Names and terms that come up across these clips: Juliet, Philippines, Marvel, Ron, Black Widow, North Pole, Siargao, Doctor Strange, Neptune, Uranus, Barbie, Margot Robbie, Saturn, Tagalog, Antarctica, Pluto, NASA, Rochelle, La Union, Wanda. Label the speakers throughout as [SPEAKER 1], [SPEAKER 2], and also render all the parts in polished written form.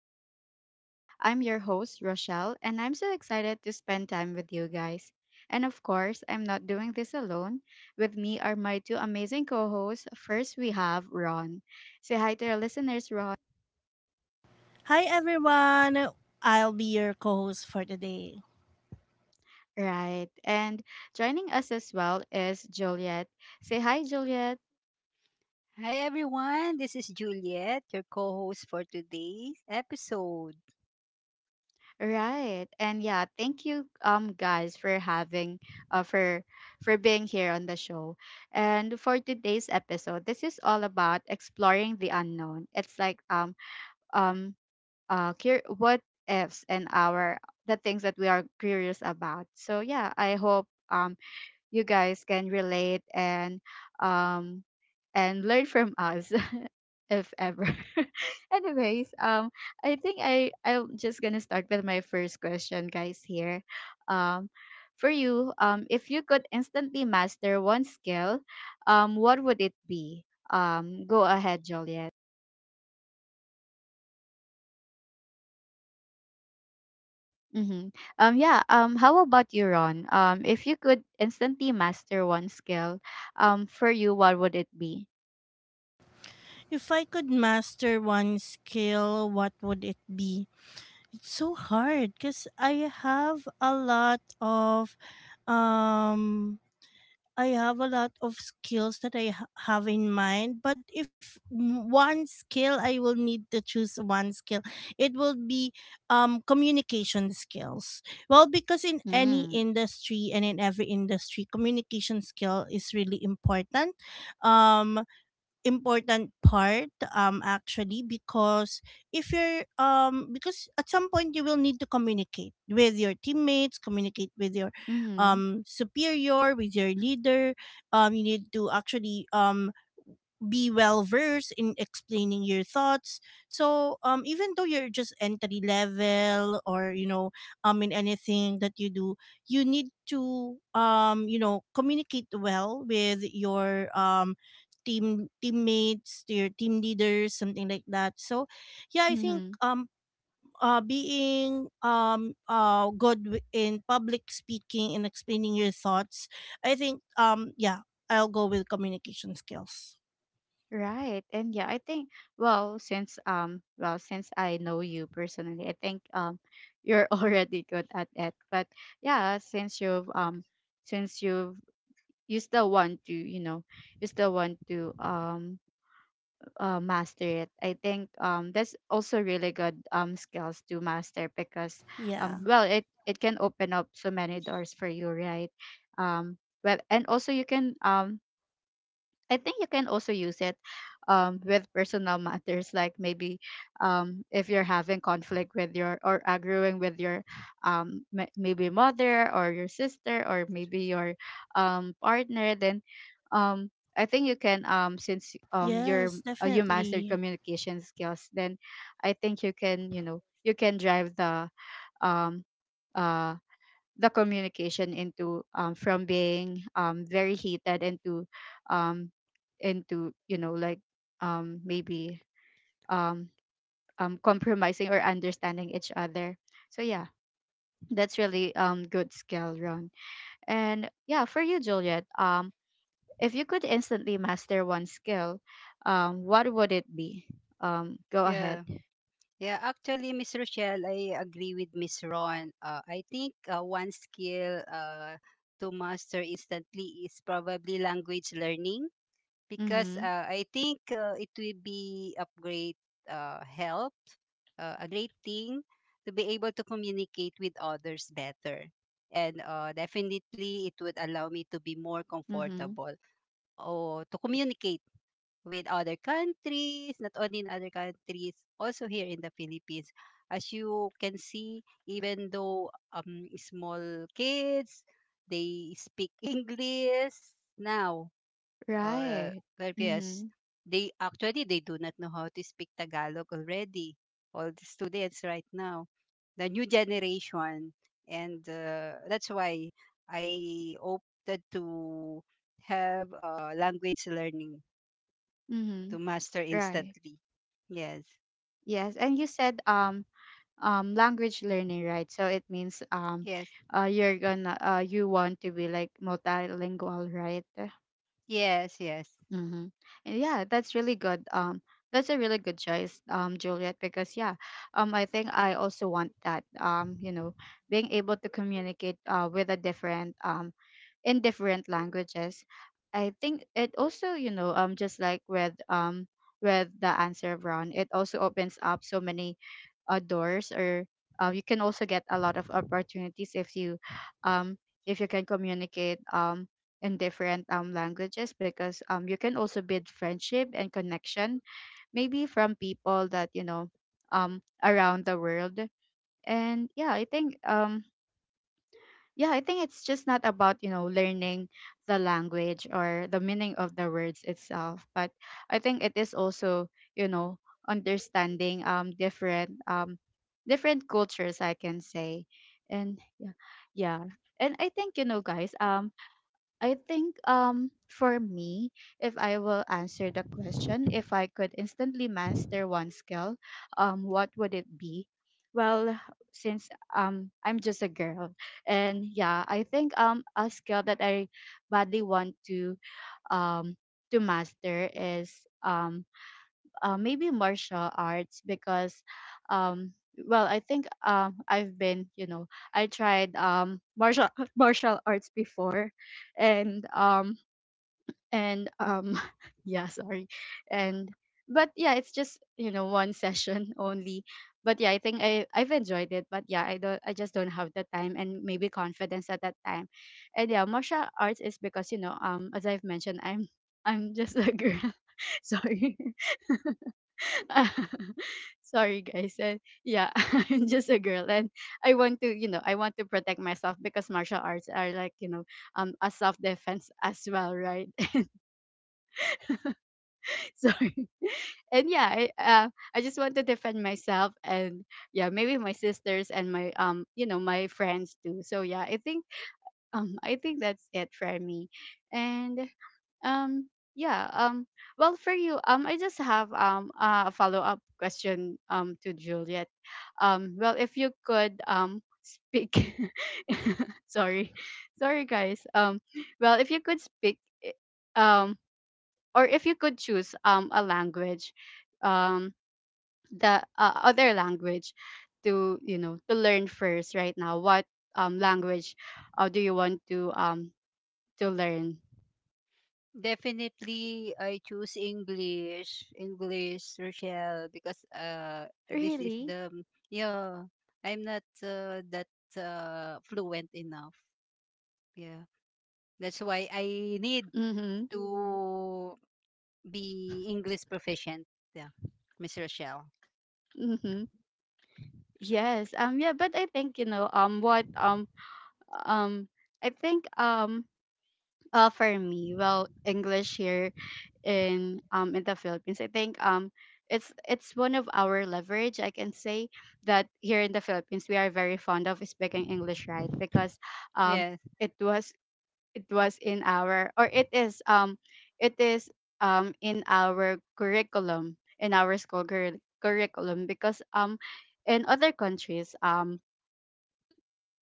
[SPEAKER 1] our talks. I'm your host, Rochelle, and I'm so excited to spend time with you guys. And of course, I'm not doing this alone. With me are my two amazing co hosts. First, we have Ron. Say hi to our listeners, Ron.
[SPEAKER 2] Hi everyone! I'll be your co host for today.
[SPEAKER 1] Right. And joining us as well is Juliet. Say hi, Juliet.
[SPEAKER 3] Hi everyone, this is Juliet, your co-host for today's episode.
[SPEAKER 1] Right. And yeah, thank you guys for having uh for for being here on the show. And for today's episode, this is all about exploring the unknown. It's like um what ifs and our the things that we are curious about. So yeah, I hope you guys can relate um and learn from us. if ever. Anyways, I think I'm just gonna start with my first question, guys. Here, um, for you, if you could instantly master one skill, what would it be? Go ahead, Juliet. Mm-hmm. Yeah. How about you, Ron? If you could instantly master one skill, for you, what would it be?
[SPEAKER 2] If I could master one skill, what would it be? It's so hard because I have a lot of um I have a lot of skills that I have in mind, but if m- one skill I will need to choose one skill, it will be communication skills. Well, because in any
[SPEAKER 1] Mm.
[SPEAKER 2] industry and in every industry, communication skill is really important. Um important part actually because if you're because at some point you will need to communicate with your teammates communicate with your
[SPEAKER 1] Mm-hmm.
[SPEAKER 2] superior with your leader you need to actually be well versed in explaining your thoughts. So even though you're just entry level or you know in anything that you do, you need to you know communicate well with your teammates, to your team leaders, something like that. So yeah, I think
[SPEAKER 1] Mm-hmm.
[SPEAKER 2] being good wi- in public speaking and explaining your thoughts, I think yeah, I'll go with communication skills.
[SPEAKER 1] Right. And yeah, I think well, since I know you personally, I think you're already good at it. But yeah, since you've you still want to, you know, you still want to master it. I think that's also really good skills to master because
[SPEAKER 2] Yeah.
[SPEAKER 1] well, it can open up so many doors for you, right? Um well, and also you can I think you can also use it with personal matters, like maybe if you're having conflict with your or arguing with your maybe mother or your sister or maybe your partner, then um, I think you can since you're
[SPEAKER 2] Yes,
[SPEAKER 1] you mastered
[SPEAKER 2] definitely.
[SPEAKER 1] communication skills, then I think you can, you know, you can drive um, uh, the communication into from being very heated into um, into, you know, like maybe um, compromising or understanding each other. So yeah, that's really good skill, Ron. And yeah, for you, Juliet, if you could instantly master one skill, what would it be? Go ahead.
[SPEAKER 3] Yeah, yeah. Actually, Miss Rochelle, I agree with Miss Ron. I think one skill to master instantly is probably language learning,
[SPEAKER 1] Mm-hmm.
[SPEAKER 3] because I think it will be a great help, a great thing to be able to communicate with others better, and definitely it would allow me to be more
[SPEAKER 1] Mm-hmm.
[SPEAKER 3] comfortable or to communicate with other countries, not only in other countries, also here in the Philippines. As you can see, even though small kids, they speak English now.
[SPEAKER 1] Right.
[SPEAKER 3] Uh,
[SPEAKER 1] Mm-hmm.
[SPEAKER 3] Whereas they actually they do not know how to speak Tagalog already. All the students right now, the new generation, and that's why I opted to have language learning
[SPEAKER 1] Mm-hmm.
[SPEAKER 3] to master
[SPEAKER 1] Right.
[SPEAKER 3] instantly. Yes.
[SPEAKER 1] Yes. And you said language learning, right? So it means
[SPEAKER 3] Yes.
[SPEAKER 1] you're gonna you want to be like multilingual, right?
[SPEAKER 3] Yes, yes.
[SPEAKER 1] Mm-hmm. And yeah, that's really good, that's a really good choice, Juliet, because yeah, I think I also want that. You know, being able to communicate with a different in different languages, I think it also, you know, just like with the answer brown, it also opens up so many doors, or you can also get a lot of opportunities um, if you can communicate in different languages, because you can also build friendship and connection maybe from people that, you know, around the world. And yeah, I think yeah, I think it's just not about, you know, learning the language or the meaning of the words itself, but I think it is also, you know, understanding different different cultures, I can say. And yeah, yeah. And I think, you know, guys, I think for me, if I will answer the question, if I could instantly master one skill, what would it be? Well, since I'm just a girl, and yeah, I think a skill that I badly want um to master is um maybe martial arts, because um well, I think I've been, you know, I tried martial martial arts before, and and um yeah, sorry. And but yeah, it's just, you know, one session only, but yeah, I think I've enjoyed it, but yeah, I just don't have the time and maybe confidence at that time. And yeah, martial arts is because, you know, as I've mentioned, I'm just a girl. sorry Sorry, guys. And yeah, I'm just a girl, and I want to, you know, I want to protect myself because martial arts are like, you know, a self defense as well, right? So, and yeah, I just want to defend myself, and yeah, maybe my sisters and my, you know, my friends too. So yeah, I think that's it for me, and Um, yeah. Well, for you, I just have a follow up question to Juliet. Well, if you could speak, sorry, sorry guys. Well, if you could speak, i- um, or if you could choose a language, um, the other language to, you know, to learn first right now. What language do you want to learn?
[SPEAKER 3] Definitely I choose English, English, Rochelle, because this
[SPEAKER 1] Really?
[SPEAKER 3] is the yeah, I'm not that fluent enough. Yeah. That's why I need
[SPEAKER 1] Mm-hmm.
[SPEAKER 3] to be English proficient. Yeah. Miss Rochelle.
[SPEAKER 1] Mm-hmm. Yes. Yeah, but I think, you know, what um I think for me, well, English here in the Philippines, I think it's one of our leverage. I can say that here in the Philippines we are very fond of speaking English, right? Because um
[SPEAKER 3] Yes.
[SPEAKER 1] it was it was in our, or it is in our curriculum, in our school curriculum, because in other countries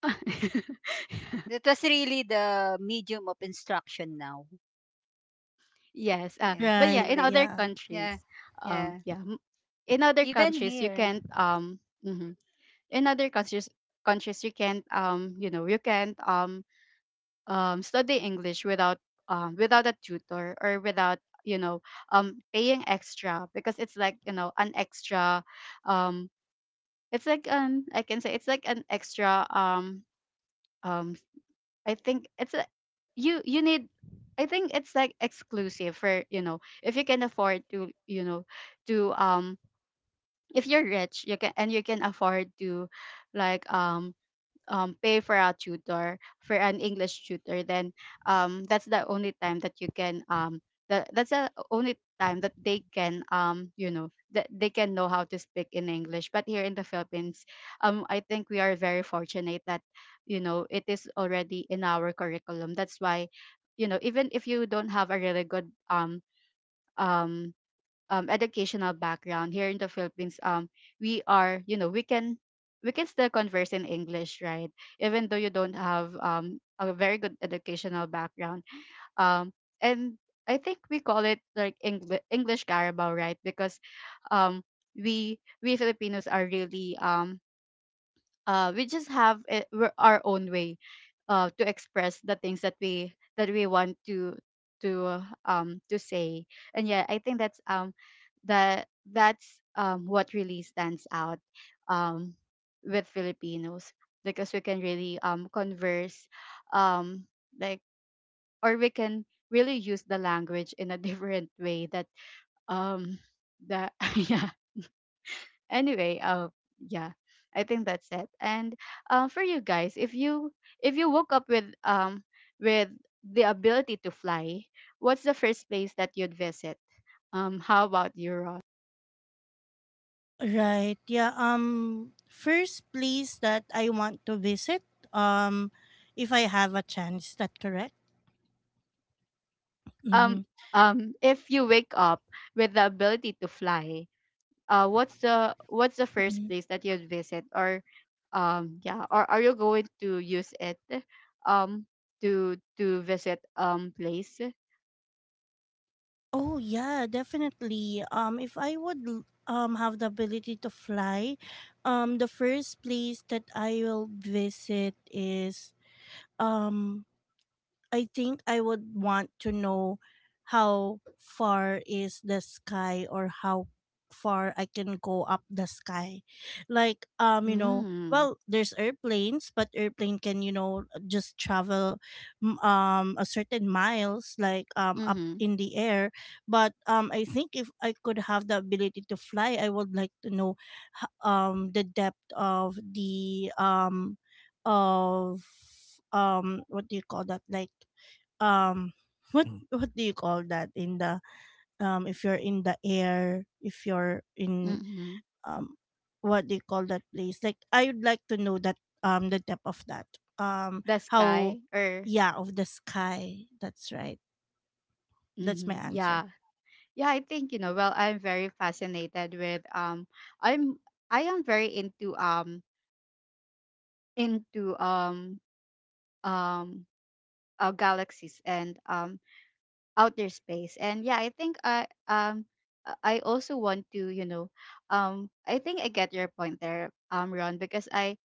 [SPEAKER 3] That was really the medium of instruction now.
[SPEAKER 1] yes. But
[SPEAKER 3] Yes,
[SPEAKER 1] yeah,
[SPEAKER 2] Right.
[SPEAKER 1] in other
[SPEAKER 3] English.
[SPEAKER 2] Yeah.
[SPEAKER 1] countries,
[SPEAKER 3] Yeah.
[SPEAKER 1] um,
[SPEAKER 3] Yeah.
[SPEAKER 1] yeah, m- in other
[SPEAKER 3] Even
[SPEAKER 1] countries you can't
[SPEAKER 3] here.
[SPEAKER 1] mhm. In other countries you can't you know, you can't study English without without a tutor, or without, you know, paying extra, because it's like, you know, an extra um it's like I can say it's like an extra um I think it's a you need, I think it's like exclusive for, you know, if you can afford to, you know, to if you're rich, you can and you can afford to, like pay for a tutor, for an English tutor, then that's the only time that you can that that's the only time that they can you know, that they can know how to speak in English. But here in the Philippines, I think we are very fortunate that, you know, it is already in our curriculum. That's why, you know, even if you don't have a really good um educational background here in the Philippines, we are, you know, we can still converse in English, right? Even though you don't have a very good educational background. Um, and I think we call it like English Carabao, right? Because um, we Filipinos are really we just have it, our own way to express the things that we want to to say. And yeah, I think that's that that's what really stands out um with Filipinos, because we can really converse um like, or we can really use the language in a different way that um that yeah. Anyway, yeah, I think that's it. And for you guys, if you woke up with with the ability to fly, what's the first place that you'd visit? How about you, Ron?
[SPEAKER 2] Right. Yeah. First place that I want to visit um if I have a chance, is that correct? Mm-hmm.
[SPEAKER 1] Um, if you wake up with the ability to fly, what's the first place that you'd visit? Or yeah, or are you going to use it, um, to visit place?
[SPEAKER 2] Oh yeah, definitely. If I would l- have the ability to fly, the first place that I will visit is um I think I would want to know how far is the sky or how far I can go up the sky. Like you know,
[SPEAKER 1] Mm.
[SPEAKER 2] well there's airplanes, but airplane can you know just travel a certain miles like up
[SPEAKER 1] Mm-hmm.
[SPEAKER 2] in the air, but I think if I could have the ability to fly, I would like to know the depth of the of what do you call that like um what Mm. what do you call that in the if you're in the air if you're in
[SPEAKER 1] Mm-hmm.
[SPEAKER 2] um what they call that place like I would like to know that the depth of that um
[SPEAKER 1] The
[SPEAKER 2] how
[SPEAKER 1] sky or
[SPEAKER 2] yeah of the sky that's right that's my
[SPEAKER 1] hmm.
[SPEAKER 2] answer.
[SPEAKER 1] Yeah. Yeah, I think, you know, well, I'm very fascinated with I'm I am very into into um um galaxies and outer space. And yeah, I think I also want to, you know, I think I get your point there, Ron, because I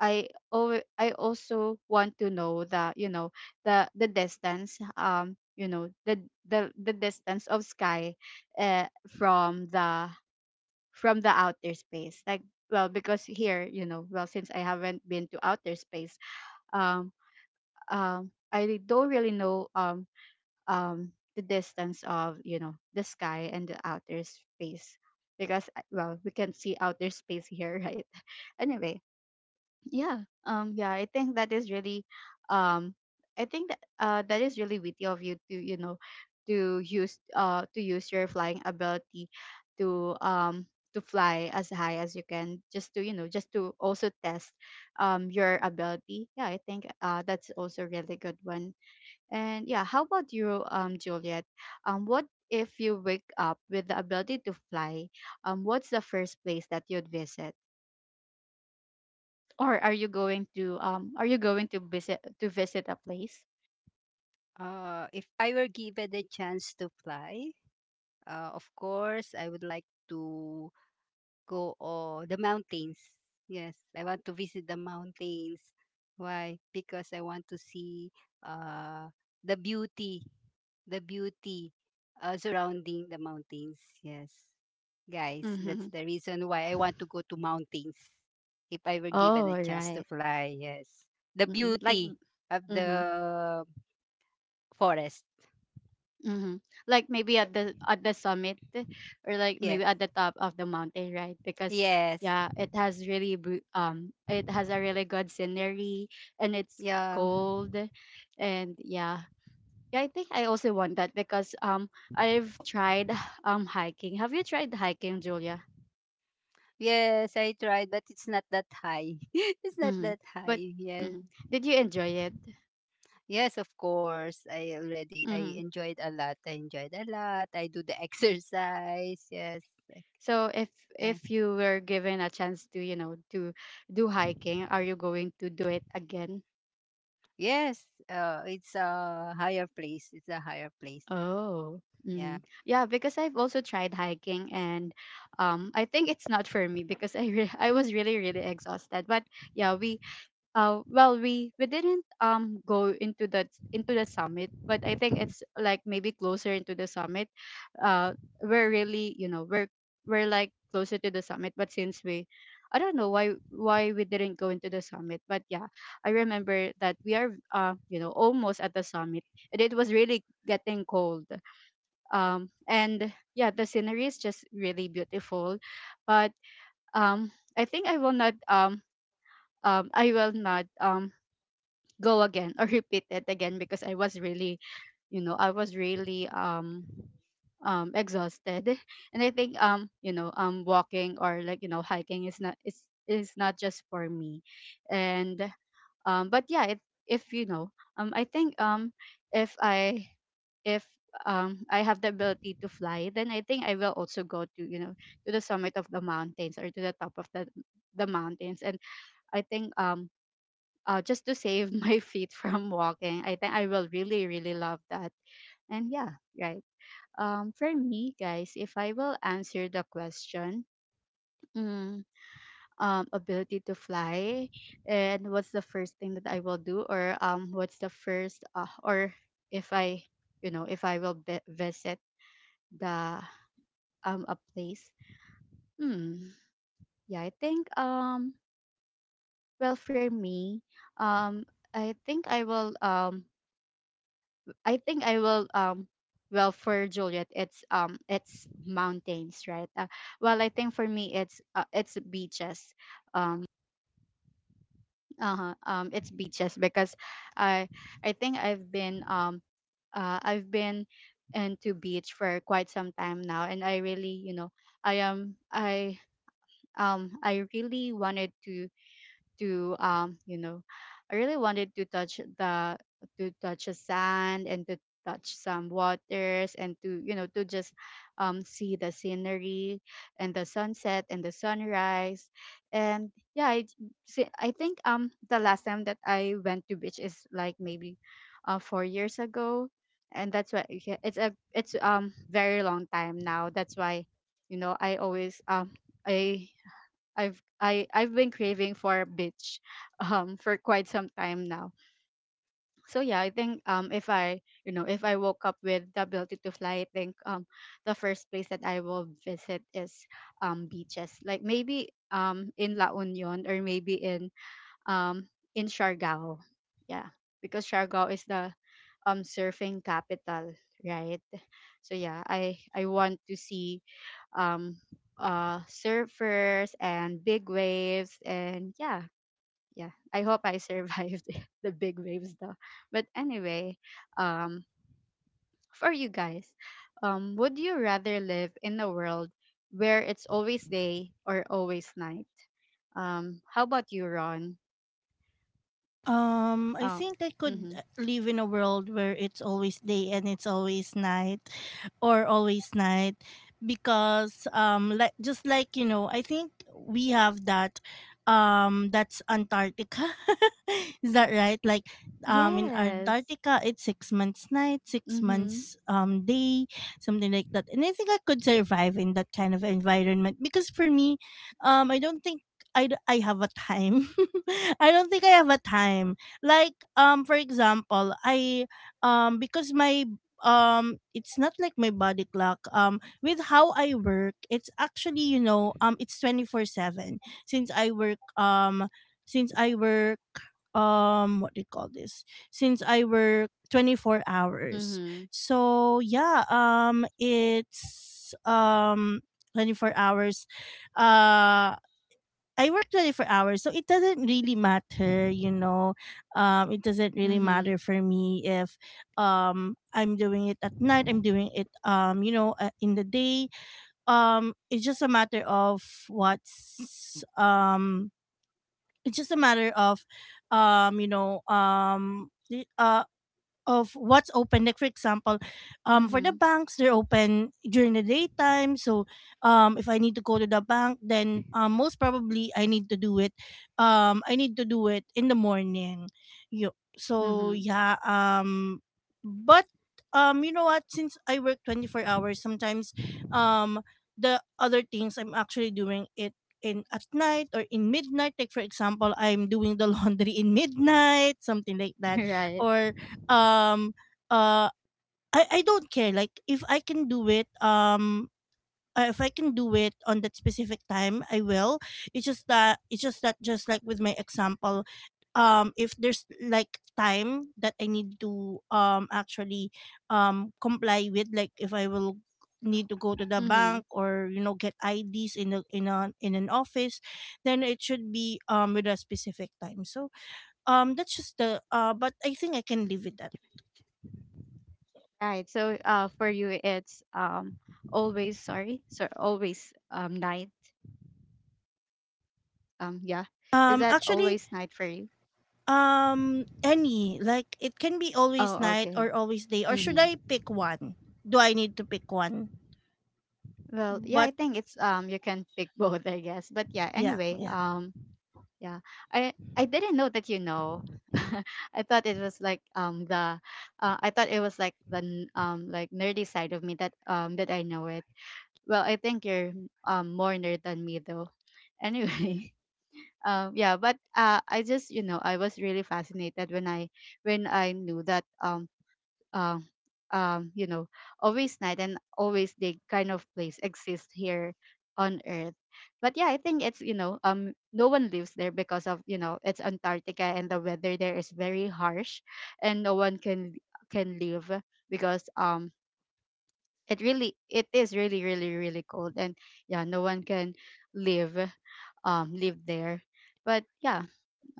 [SPEAKER 1] I alwa- I also want to know the, the distance, the distance of sky uh, from the from the outer space. Like, well, because here, you know, well, since I haven't been to outer space, um I don't really know the distance of, you know, the sky and the outer space, because well, we can see outer space here, right? Anyway, yeah, I think that is really um I think that is really witty of you to, you know, to use your flying ability to um to fly as high as you can just to, you know, just to also test your ability. Yeah, I think that's also a really good one. And yeah, how about you, Juliet? What if you wake up with the ability to fly? What's the first place that you'd visit? Or are you going to are you going to visit a place?
[SPEAKER 3] If I were given the chance to fly, of course, I would like to go or the mountains. Yes, I want to visit the mountains. Why? Because I want to see uh, the beauty, the beauty surrounding the mountains. Yes, guys,
[SPEAKER 1] Mm-hmm.
[SPEAKER 3] that's the reason why I want to go to mountains. If I were
[SPEAKER 1] Oh,
[SPEAKER 3] given a
[SPEAKER 1] right.
[SPEAKER 3] chance to fly, yes, the
[SPEAKER 1] Mm-mm. Like,
[SPEAKER 3] beauty of
[SPEAKER 1] mm-hmm,
[SPEAKER 3] the forest.
[SPEAKER 1] mm-hmm, like maybe at the summit, or like maybe at
[SPEAKER 3] Yes.
[SPEAKER 1] the top of the mountain, right? Because yeah,
[SPEAKER 3] Yes.
[SPEAKER 1] it has really it has a really good scenery, and it's
[SPEAKER 3] Yeah.
[SPEAKER 1] cold, and yeah. Yeah, I think I also want that because I've tried hiking. Have you tried hiking, Julia?
[SPEAKER 3] Yes, I tried, but it's not that high. It's not
[SPEAKER 1] Mm-hmm.
[SPEAKER 3] that
[SPEAKER 1] But
[SPEAKER 3] high.
[SPEAKER 1] mm-hmm,
[SPEAKER 3] Yes.
[SPEAKER 1] did you enjoy it?
[SPEAKER 3] Yes, of course. I already
[SPEAKER 1] Mm-hmm.
[SPEAKER 3] I enjoyed a lot. I enjoyed a lot. I do the exercise. Yes. Like,
[SPEAKER 1] So
[SPEAKER 3] eh,
[SPEAKER 1] if you were given a chance to, you know, to do hiking, are you going to do it again?
[SPEAKER 3] yes. It's a higher place. It's a higher place.
[SPEAKER 1] Oh. Mm-hmm.
[SPEAKER 3] Yeah.
[SPEAKER 1] Yeah, because I've also tried hiking, and I think it's not for me because I was really really exhausted. But yeah, we well, we didn't go into the summit, but I think it's like maybe closer into the summit. Uh, we're really, you know, we're like closer to the summit, but since we, I don't know why we didn't go into the summit, but yeah, I remember that we are you know, almost at the summit, and it was really getting cold. And yeah, the scenery is just really beautiful, but um, I think I will not go again or repeat it again because I was really, you know, I was really exhausted. And I think you know, walking, or like, you know, hiking is not just for me. And but yeah, if you know, I think if I if I have the ability to fly, then I think I will also go to, you know, to the summit of the mountains or to the top of the mountains. And I think just to save my feet from walking. I think I will really, really love that. And yeah, right. For me, guys, if I will answer the question, mm, ability to fly, and what's the first thing that I will do? Or what's the first, or if I, you know, if I visit the a place. Hmm. Yeah, I think. Well, for me, um, I think I will I think I will well, for Juliet it's mountains, right? Well, I think for me it's beaches. um it's beaches because I I think I've been into beach for quite some time now, and I really, you know, I am I really wanted to you know, I really wanted to touch the sand, and to touch some waters, and to, you know, to just see the scenery and the sunset and the sunrise. And yeah, I think the last time that I went to beach is like maybe 4 years ago. And that's why, yeah, it's very long time now, that's why, you know, I I've been craving for beach for quite some time now. So yeah, I think if I, you know, if I woke up with the ability to fly, I think the first place that I will visit is beaches. Like maybe in La Union, or maybe um in Siargao. Yeah. Because Siargao is the surfing capital, right? So yeah, I want to see um, surfers and big waves. And yeah, yeah, I hope I survived the big waves though. But anyway, um, for you guys, would you rather live in a world where it's always day or always night? How about you, Ron?
[SPEAKER 2] I
[SPEAKER 1] Uh,
[SPEAKER 2] think I could
[SPEAKER 1] mm-hmm.
[SPEAKER 2] live in a world where it's always day and it's always night or always night because like just like you know, I think we have that that's Antarctica. Is that right? Like in
[SPEAKER 1] Yes.
[SPEAKER 2] Antarctica it's 6 months night, 6
[SPEAKER 1] Mm-hmm.
[SPEAKER 2] months day, something like that. And I think I could survive in that kind of environment because for me I don't think I have a time I don't think I have a time. Like for example, I because my it's not like my body clock with how I work, it's actually, you know, it's 24/7 since I work since I work what do you call this? Since I work 24 hours.
[SPEAKER 1] Mm-hmm.
[SPEAKER 2] So, yeah, it's 24 hours. Uh I work 24 hours, so it doesn't really matter, you know. It doesn't really
[SPEAKER 1] Mm-hmm.
[SPEAKER 2] matter for me if I'm doing it at night, I'm doing it, you know, in the day. It's just a matter of what's, it's just a matter of, you know, the- of what's open. Like for example, for the
[SPEAKER 1] Mm-hmm.
[SPEAKER 2] banks, they're open during the daytime. So if I need to go to the bank, then most probably I need to do it. I need to do it in the morning. You so
[SPEAKER 1] Mm-hmm.
[SPEAKER 2] yeah. But you know what? Since I work 24 hours, sometimes um, the other things I'm actually doing it in at night or in midnight like for example I'm doing the laundry in midnight something like that
[SPEAKER 1] Right.
[SPEAKER 2] or um uh I don't care like if I can do it if I can do it on that specific time I will it's just that just like with my example if there's like time that I need to actually comply with like if I will need to go to the
[SPEAKER 1] Mm-hmm.
[SPEAKER 2] bank or you know get IDs in a in a in an office then it should be with a specific time so that's just the but I think I can live with that
[SPEAKER 1] Right. So for you it's always, sorry. So always night. Yeah. Is that
[SPEAKER 2] actually
[SPEAKER 1] always night for you?
[SPEAKER 2] Any. Like it can be always
[SPEAKER 1] Oh,
[SPEAKER 2] night
[SPEAKER 1] okay.
[SPEAKER 2] or always day. Or should
[SPEAKER 1] Mhm.
[SPEAKER 2] I pick one? Do I need to pick one?
[SPEAKER 1] Well, yeah, I
[SPEAKER 2] But
[SPEAKER 1] think it's you can pick both, I guess. But yeah,
[SPEAKER 2] yeah,
[SPEAKER 1] anyway,
[SPEAKER 2] yeah.
[SPEAKER 1] yeah. I didn't know that, you know. I thought it was like the I thought it was like the like nerdy side of me, that that I know it. Well, I think you're more nerd than me though. Anyway. Yeah, but I just, you know, I was really fascinated when I knew that uh, you know, always night and always day kind of place exists here on earth. But yeah, I think it's, you know, no one lives there because of, you know, it's Antarctica, and the weather there is very harsh, and no one can live because it really it is really really really cold. And yeah, no one can live live there. But yeah,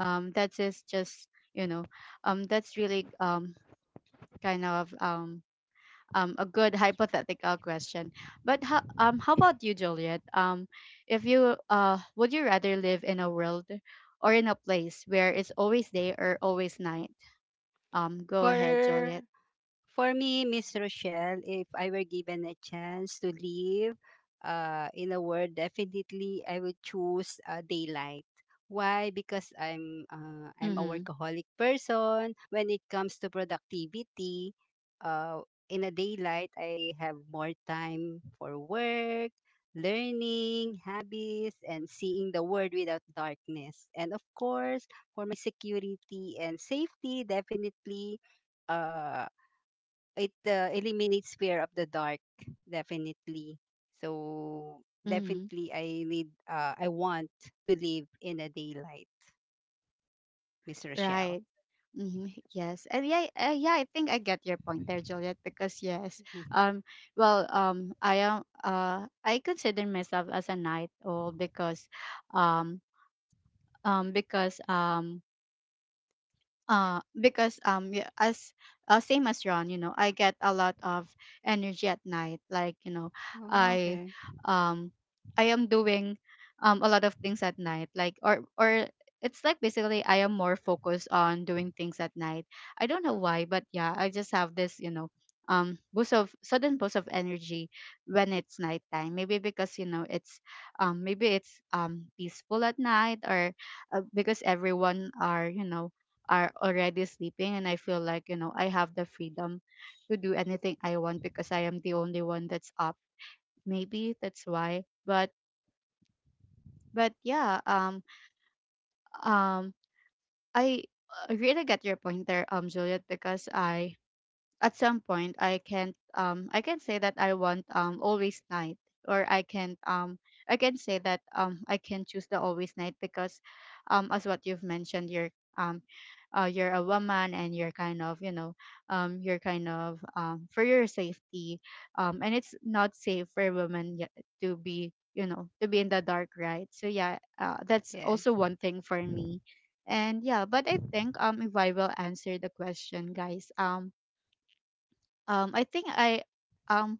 [SPEAKER 1] that is just, you know, that's really kind of a good hypothetical question. But how about you, Juliet? If you would you rather live in a world or in a place where it's always day or always night? Go ahead, Juliet.
[SPEAKER 3] For For me, Miss Rochelle, if I were given a chance to live in a world, definitely I would choose daylight. Why? Because I'm a
[SPEAKER 1] Mhm.
[SPEAKER 3] workaholic person. When it comes to productivity, uh, in a daylight, I have more time for work, learning, habits, and seeing the world without darkness. And of course, for my security and safety, definitely. Uh, it eliminates fear of the dark, definitely, so
[SPEAKER 1] Mhm.
[SPEAKER 3] definitely I want to live in a daylight, Miss
[SPEAKER 1] Right.
[SPEAKER 3] Rochelle.
[SPEAKER 1] Hmm. Yes, and yeah, yeah. I think I get your point there, Juliet. Because yes, um, well, I am, I consider myself as a night owl um, um, because um, because yeah, as same as Ron, you know, I get a lot of energy at night. Like, you know,
[SPEAKER 3] Oh,
[SPEAKER 1] I
[SPEAKER 3] okay.
[SPEAKER 1] um I am doing a lot of things at night. Like, or it's like basically I am more focused on doing things at night. I don't know why, but yeah, I just have this, you know, boost of sudden boost of energy when it's nighttime. Maybe because, you know, it's maybe it's peaceful at night, or because everyone are, you know, are already sleeping, and I feel like, you know, I have the freedom to do anything I want because I am the only one that's up. Maybe that's why. But yeah, um I really get your point there, Juliet, because I at some point I can't I can say that I want always night, or I can say that I can choose the always night because as what you've mentioned, um you're a woman and you're kind of, you know, you're kind of for your safety, and it's not safe for women yet to be, you know, to be in the dark, right? So yeah, that's
[SPEAKER 3] Yes.
[SPEAKER 1] also one thing for me. And yeah, but I think if I will answer the question guys, um, I think I um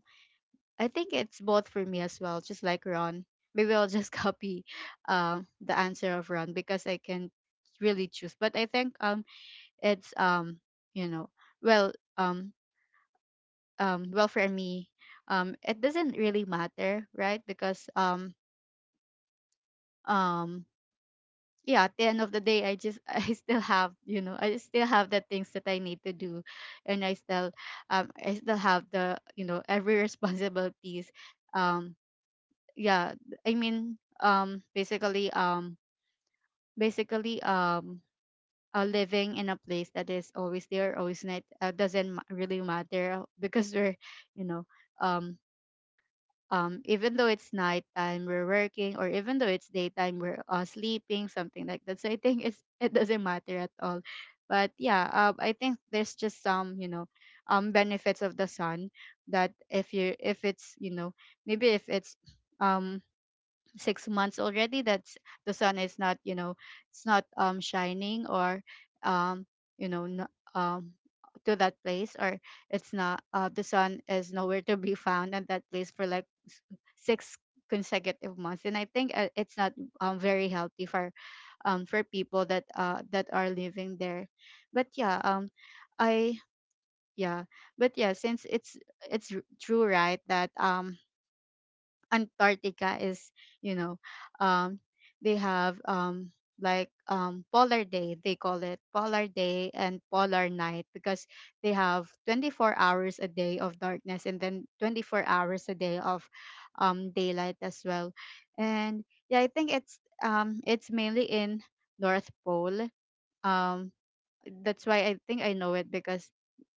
[SPEAKER 1] I think it's both for me as well, just like Ron. Maybe I'll just copy the answer of Ron because I can really choose. But I think it's you know, well, um well, for me, it doesn't really matter, right? Because um yeah, at the end of the day, I just I still have, you know, I still have the things that I need to do, and I still have the, you know, every responsibilities. um yeah, I mean, basically basically um living in a place that is always there always night doesn't ma- really matter because we're, you know, um even though it's nighttime we're working, or even though it's daytime we're, sleeping, something like that. So I think it's it doesn't matter at all. But yeah, I think there's just some, you know, benefits of the sun, that if you if it's, you know, maybe if it's um 6 months already, that's the sun is not, you know, it's not shining, or um you know, to that place, or it's not the sun is nowhere to be found at that place for like six consecutive months. And I think it's not very healthy for people that that are living there. But yeah, I yeah but yeah, since it's true, right, that Antarctica is, you know, um, they have like, polar day. They call it polar day and polar night because they have 24 hours a day of darkness, and then 24 hours a day of daylight as well. And yeah, I think it's mainly in North Pole. Um, that's why I think I know it because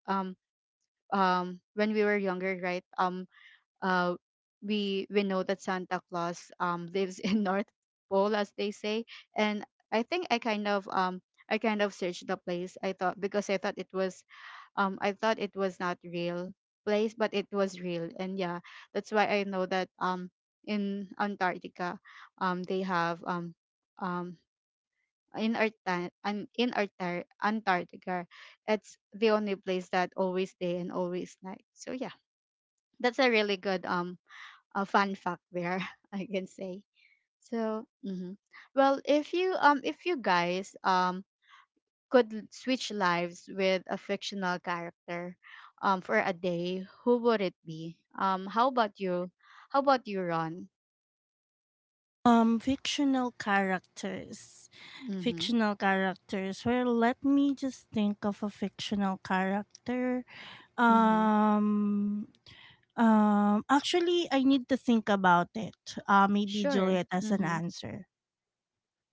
[SPEAKER 1] um when we were younger, right? Um uh, we we know that Santa Claus lives in North Pole, as they say. And I think I kind of searched the place. I thought, because I thought it was I thought it was not real place, but it was real. And yeah, that's why I know that in Antarctica they have um in Arta- an- in Artar- Antarctica, it's the only place that always day and always night. So yeah, that's a really good a fun fact there, I can say. So mhm. Well, if you guys could switch lives with a fictional character for a day, who would it be? How about you? How about you, Ron?
[SPEAKER 2] Fictional characters.
[SPEAKER 1] Mm-hmm.
[SPEAKER 2] Fictional characters. Well, let me just think of a fictional character.
[SPEAKER 1] Mm-hmm.
[SPEAKER 2] Um, actually, I need to think about it. Maybe
[SPEAKER 1] Sure.
[SPEAKER 2] Juliet as an
[SPEAKER 1] Mm-hmm.
[SPEAKER 2] answer.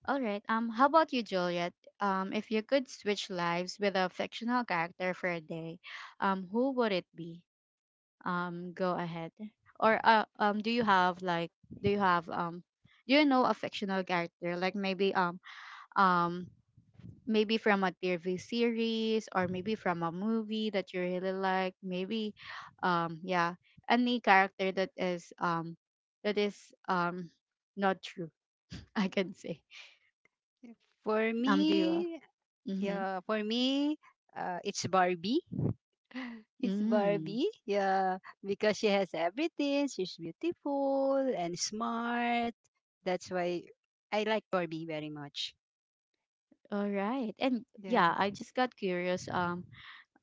[SPEAKER 1] All right, how about you, Juliet? If you could switch lives with a fictional character for a day, who would it be? Go ahead. Or do you have like, do you have do you know a fictional character, like maybe um maybe from a TV series or maybe from a movie that you really like? Maybe, yeah, any character that is not true, I can say.
[SPEAKER 3] for
[SPEAKER 1] Do you
[SPEAKER 3] me
[SPEAKER 1] mm-hmm.
[SPEAKER 3] yeah for me uh, it's Barbie. It's
[SPEAKER 1] Mm.
[SPEAKER 3] Barbie, yeah, because she has everything. She's beautiful and smart. That's why I like Barbie very much.
[SPEAKER 1] All right, and yeah,
[SPEAKER 3] Yeah.
[SPEAKER 1] I just got curious, um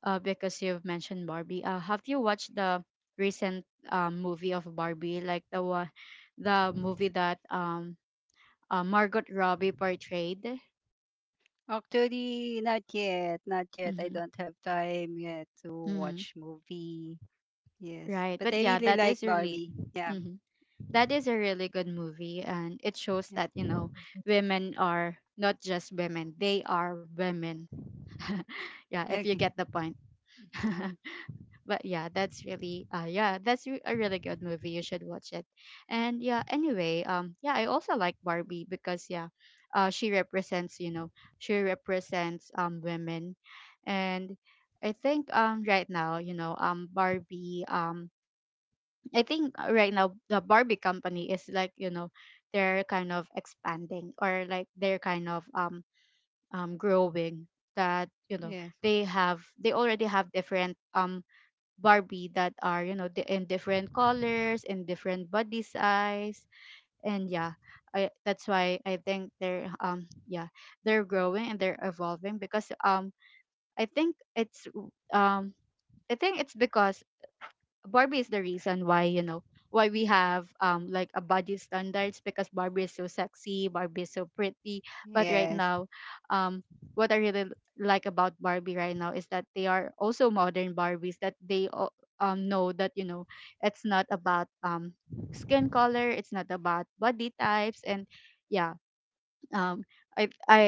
[SPEAKER 1] uh, because you've mentioned Barbie. Have you watched the recent movie of Barbie, like the one, the movie that Margot Robbie portrayed?
[SPEAKER 3] Actually, not yet. Not yet. I
[SPEAKER 1] Mm-hmm.
[SPEAKER 3] don't have time yet to
[SPEAKER 1] Mm-hmm.
[SPEAKER 3] watch movie. Yes.
[SPEAKER 1] Right,
[SPEAKER 3] But
[SPEAKER 1] but
[SPEAKER 3] I
[SPEAKER 1] yeah,
[SPEAKER 3] really
[SPEAKER 1] that is
[SPEAKER 3] like
[SPEAKER 1] really,
[SPEAKER 3] Barbie. Yeah.
[SPEAKER 1] mm-hmm, that is a really good movie, and it shows
[SPEAKER 3] Yeah.
[SPEAKER 1] that, you know, women are not just women; they are women. Yeah, if you
[SPEAKER 3] Okay.
[SPEAKER 1] get the point. But yeah, that's really yeah, a really good movie, you should watch it. And yeah, anyway, yeah, I also like Barbie because, yeah, she represents, you know, she represents women. And I think right now, you know, Barbie, I think right now the Barbie company is like, you know, they're kind of expanding, or like they're kind of growing, that, you know,
[SPEAKER 3] Yes.
[SPEAKER 1] they already have different Barbie that are, you know, in different colors, in different body size. And yeah, that's why I think they're yeah, they're growing and they're evolving because I think it's um I think it's because Barbie is the reason why, you know, why we have like a body standards, because Barbie is so sexy, Barbie is so pretty. But right
[SPEAKER 3] Yes.
[SPEAKER 1] now, um, what I really like about Barbie right now is that they are also modern Barbies that know that, you know, it's not about skin color, it's not about body types, and yeah, um, I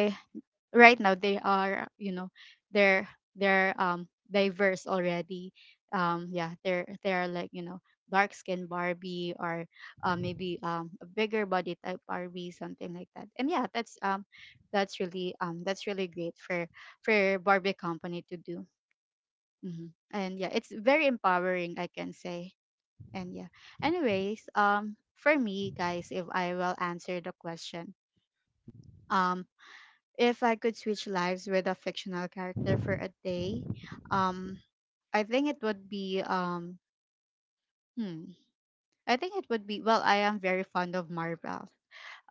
[SPEAKER 1] right now they are, you know, they're they're diverse already. Yeah, they're like, you know, dark skinned Barbie, or maybe a bigger body type Barbie, something like that. And yeah, that's really great for Barbie company to do. Hmm, and yeah, it's very empowering, I can say. And yeah, anyways, for me guys, if I will answer the question, um if I could switch lives with a fictional character for a day, um, I think it would be hmm, I think it would be, well, I am very fond of Marvel.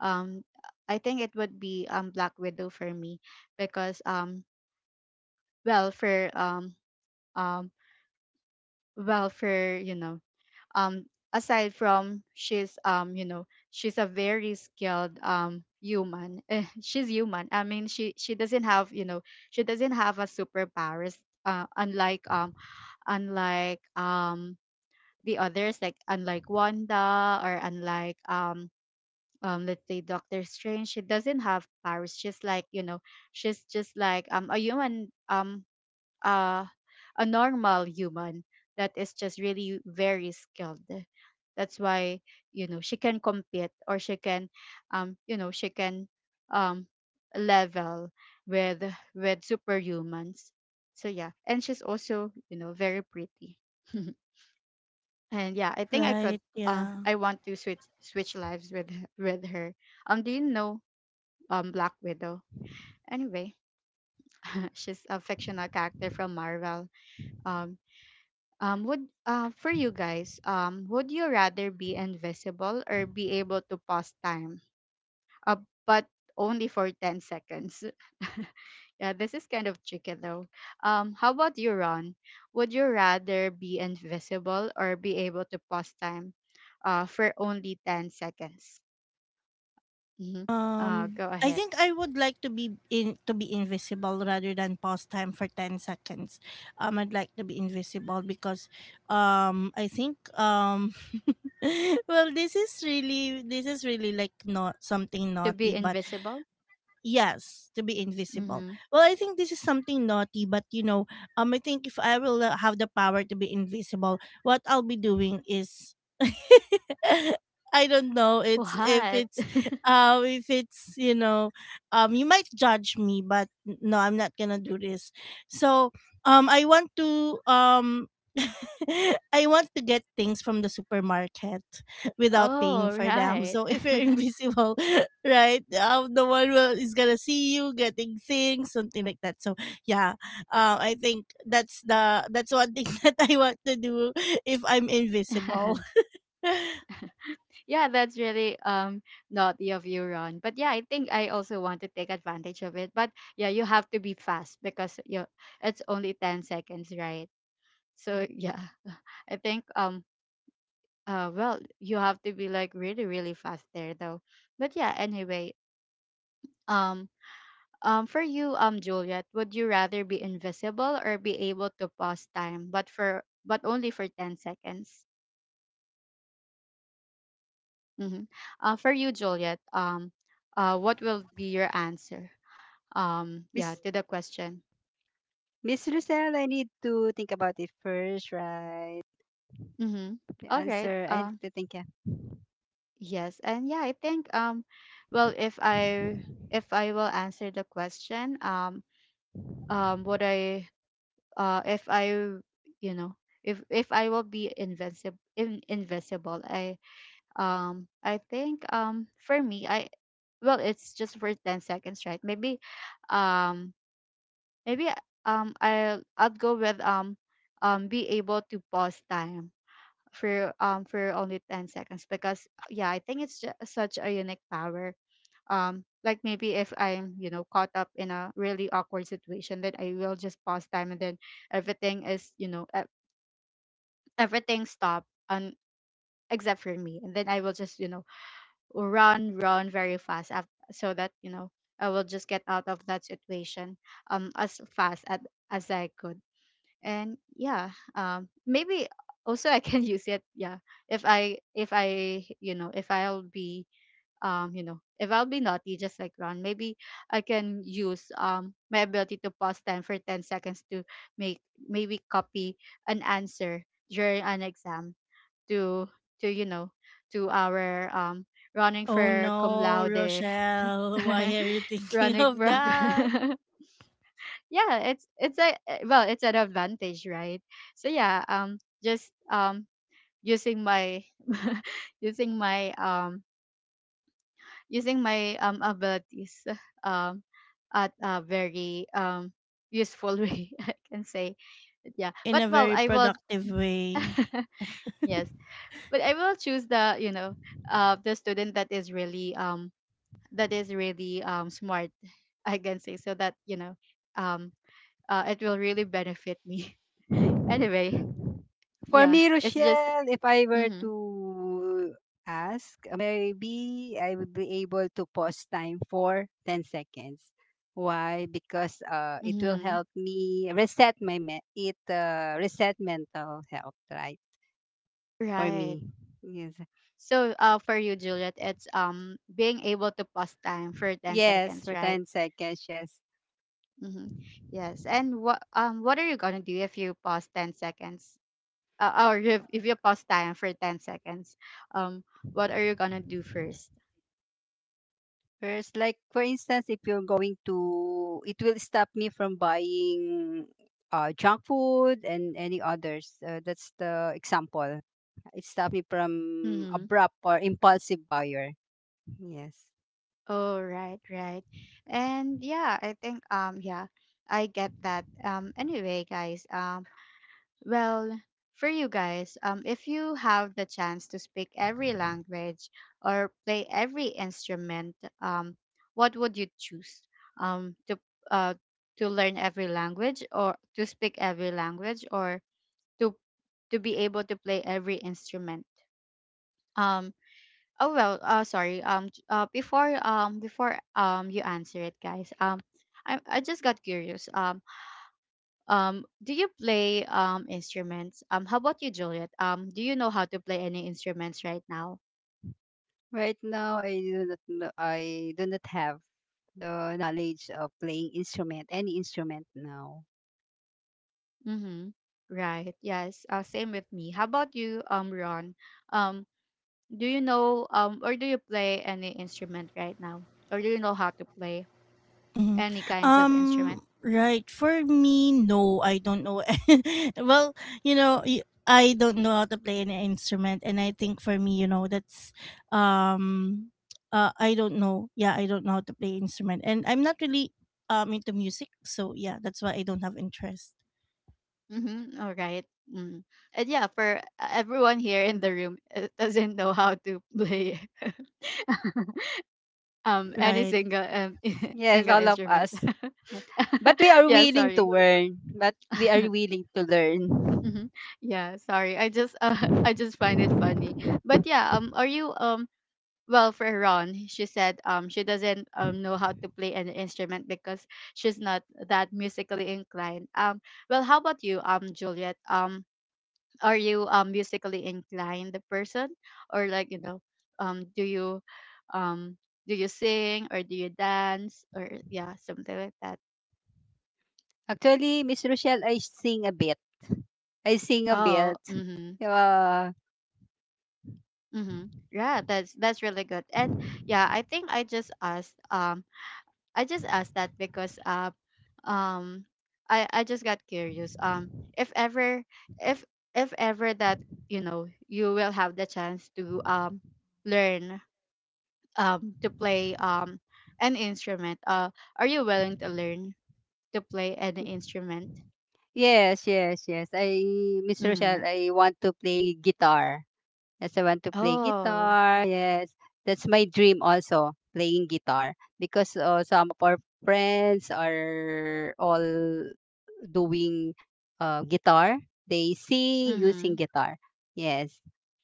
[SPEAKER 1] Um, I think it would be Black Widow for me, because, well for um well, for, you know, um aside from, she's you know, she's a very skilled human. Eh, she's human, I mean, she doesn't have, you know, she doesn't have a superpowers, unlike unlike um the others, like unlike Wanda, or unlike let's say Doctor Strange. She doesn't have powers, she's like, you know, she's just like a human, uh, a normal human that is just really very skilled. That's why, you know, she can compete, or she can, you know, she can um, level with with superhumans. So yeah, and she's also, you know, very pretty. And yeah, I think I could.
[SPEAKER 2] Right? Yeah.
[SPEAKER 1] I want to switch lives with with her. Do you know Black Widow? Anyway, she's a fictional character from Marvel. Um, would for you guys, would you rather be invisible or be able to pause time? Uh, but only for 10 seconds. Yeah, this is kind of tricky though. How about you, Ron? Would you rather be invisible or be able to pause time for only 10 seconds? Mm-hmm. Go
[SPEAKER 2] I
[SPEAKER 1] ahead.
[SPEAKER 2] think I would like to be in to be invisible rather than pause time for 10 seconds. I'd like to be invisible because, I think well, this is really like not something
[SPEAKER 1] To
[SPEAKER 2] naughty,
[SPEAKER 1] be
[SPEAKER 2] but
[SPEAKER 1] invisible?
[SPEAKER 2] yes, to be invisible.
[SPEAKER 1] Mm-hmm.
[SPEAKER 2] Well, I think this is something naughty, but you know, I think if I will have the power to be invisible, what I'll be doing is, I don't know. It's if
[SPEAKER 1] What?
[SPEAKER 2] it's, if it's you know, you might judge me, but no, I'm not gonna do this. So, I want to I want to get things from the supermarket without paying
[SPEAKER 1] Oh,
[SPEAKER 2] for them.
[SPEAKER 1] right.
[SPEAKER 2] So if you're invisible, right, no one will is gonna see you getting things, something like that. So yeah, I think that's the that's one thing that I want to do if I'm invisible.
[SPEAKER 1] Yeah, that's really naughty of you, Ron. But yeah, I think I also want to take advantage of it. But yeah, you have to be fast because you it's only 10 seconds, right? So yeah, I think well, you have to be like really really fast there though. But yeah, anyway, um for you Juliet, would you rather be invisible or be able to pause time, but for but only for 10 seconds? Mm-hmm. For you, Juliet, what will be your answer? Yeah,
[SPEAKER 3] Miss
[SPEAKER 1] to the question.
[SPEAKER 3] Miss Lucelle, I need to think about it first, right?
[SPEAKER 1] Mm-hmm.
[SPEAKER 3] The
[SPEAKER 1] All right,
[SPEAKER 3] answer. I need to think. Yeah.
[SPEAKER 1] yes. And yeah, I think well, if I, if I will answer the question, would I if I, you know, if I will be invincible in, invisible, I think for me, I well, it's just for 10 seconds, right? Maybe um maybe I'll go with be able to pause time for only 10 seconds, because yeah, I think it's just such a unique power. Like maybe if I'm, you know, caught up in a really awkward situation, then I will just pause time, and then everything is, you know, everything stop, and except for me, and then I will just, you know, run very fast, so that, you know, I will just get out of that situation as fast as I could. And yeah, maybe also I can use it. Yeah, if I, if I, you know, if I'll be you know, if I'll be naughty just like Ron, maybe I can use my ability to pause 10 for 10 seconds to make, maybe copy an answer during an exam, to to, you know, to our running
[SPEAKER 2] Oh
[SPEAKER 1] for cum
[SPEAKER 2] no,
[SPEAKER 1] laude.
[SPEAKER 2] Rochelle, why are you thinking
[SPEAKER 1] Running
[SPEAKER 2] of
[SPEAKER 1] for
[SPEAKER 2] that
[SPEAKER 1] yeah, it's a well, it's an advantage, right? So yeah, just using my using my um using my abilities um at a very useful way, I can say. Yeah,
[SPEAKER 2] in
[SPEAKER 1] but
[SPEAKER 2] a
[SPEAKER 1] well,
[SPEAKER 2] very
[SPEAKER 1] I will
[SPEAKER 2] productive way?
[SPEAKER 1] yes, but I will choose the, you know, the student that is really smart, I can say, so that, you know, um it will really benefit me. Anyway,
[SPEAKER 3] For
[SPEAKER 1] yeah,
[SPEAKER 3] me,
[SPEAKER 1] it's just
[SPEAKER 3] Rochelle, if I were
[SPEAKER 1] mm-hmm,
[SPEAKER 3] to ask, maybe I would be able to pause time for 10 seconds. Why? Because it will
[SPEAKER 1] mm-hmm,
[SPEAKER 3] help me reset mental health, right? For
[SPEAKER 1] right.
[SPEAKER 3] me, yes,
[SPEAKER 1] So for you, Juliet, it's being able to pause time for ten
[SPEAKER 3] yes,
[SPEAKER 1] seconds,
[SPEAKER 3] for
[SPEAKER 1] right?
[SPEAKER 3] 10 seconds, yes.
[SPEAKER 1] Mm-hmm. Yes. And what are you gonna do if you pause 10 seconds? Or if you pause time for 10 seconds, um, what are you gonna do first?
[SPEAKER 3] Whereas, like for instance, if you're going to, it will stop me from buying junk food and any others. That's the example. It stopped me from
[SPEAKER 1] Mm-hmm.
[SPEAKER 3] abrupt or impulsive buyer. Yes.
[SPEAKER 1] Oh, right, right. And yeah, I think yeah, I get that. Anyway, guys, well, for you guys, if you have the chance to speak every language or play every instrument, um, what would you choose? To uh, to learn every language, or to speak every language, or to to be able to play every instrument. Um, oh well, sorry. Before before you answer it, guys. I just got curious. Do you play instruments? How about you, Juliet? Do you know how to play any instruments right now?
[SPEAKER 3] Right now, I do not have the knowledge of playing instrument, any instrument now.
[SPEAKER 1] Mm-hmm. Right. Yes. Same with me. How about you, Ron? Um, do you know or do you play any instrument right now? Or do you know how to play
[SPEAKER 2] Mhm.
[SPEAKER 1] any kinds of
[SPEAKER 2] Um,
[SPEAKER 1] instrument?
[SPEAKER 2] right. For me, no, I don't know. Well, you know, I don't know how to play an instrument, and I think for me, you know, that's um, I don't know. Yeah, I don't know how to play instrument, and I'm not really into music, so yeah, that's why I don't have interest.
[SPEAKER 1] Mm-hmm. All right. Mm. And yeah, for everyone here in the room, doesn't know how to play any
[SPEAKER 2] Right.
[SPEAKER 1] single
[SPEAKER 3] Yes,
[SPEAKER 1] single
[SPEAKER 3] all of
[SPEAKER 1] instrument.
[SPEAKER 3] us. But we are
[SPEAKER 1] Yeah,
[SPEAKER 3] willing to
[SPEAKER 1] sorry.
[SPEAKER 3] learn. But we are willing to learn.
[SPEAKER 1] Hmm. Yeah, sorry. I just I just find it funny. But yeah, are you well, for Ron, she said she doesn't know how to play an instrument because she's not that musically inclined. Well, how about you, Juliet? Are you musically inclined person, or like, you know, um do you um do you sing, or do you dance, or yeah, something like that?
[SPEAKER 3] Actually, Miss Rochelle, I sing a bit. I sing a
[SPEAKER 1] Oh,
[SPEAKER 3] bit.
[SPEAKER 1] mhm.
[SPEAKER 3] Uh,
[SPEAKER 1] Mm-hmm. Yeah, that's really good. And yeah, I think I just asked that because um I just got curious. If ever if if ever that, you will have the chance to learn to play an instrument, are you willing to learn to play an instrument?
[SPEAKER 3] yes, yes, yes. I Miss
[SPEAKER 1] Mm.
[SPEAKER 3] Rochelle, I want to play guitar. Yes, I want to play
[SPEAKER 1] Oh.
[SPEAKER 3] guitar. Yes, that's my dream also, playing guitar. Because some of our friends are all doing guitar. They sing using
[SPEAKER 1] Mm-hmm.
[SPEAKER 3] guitar. Yes.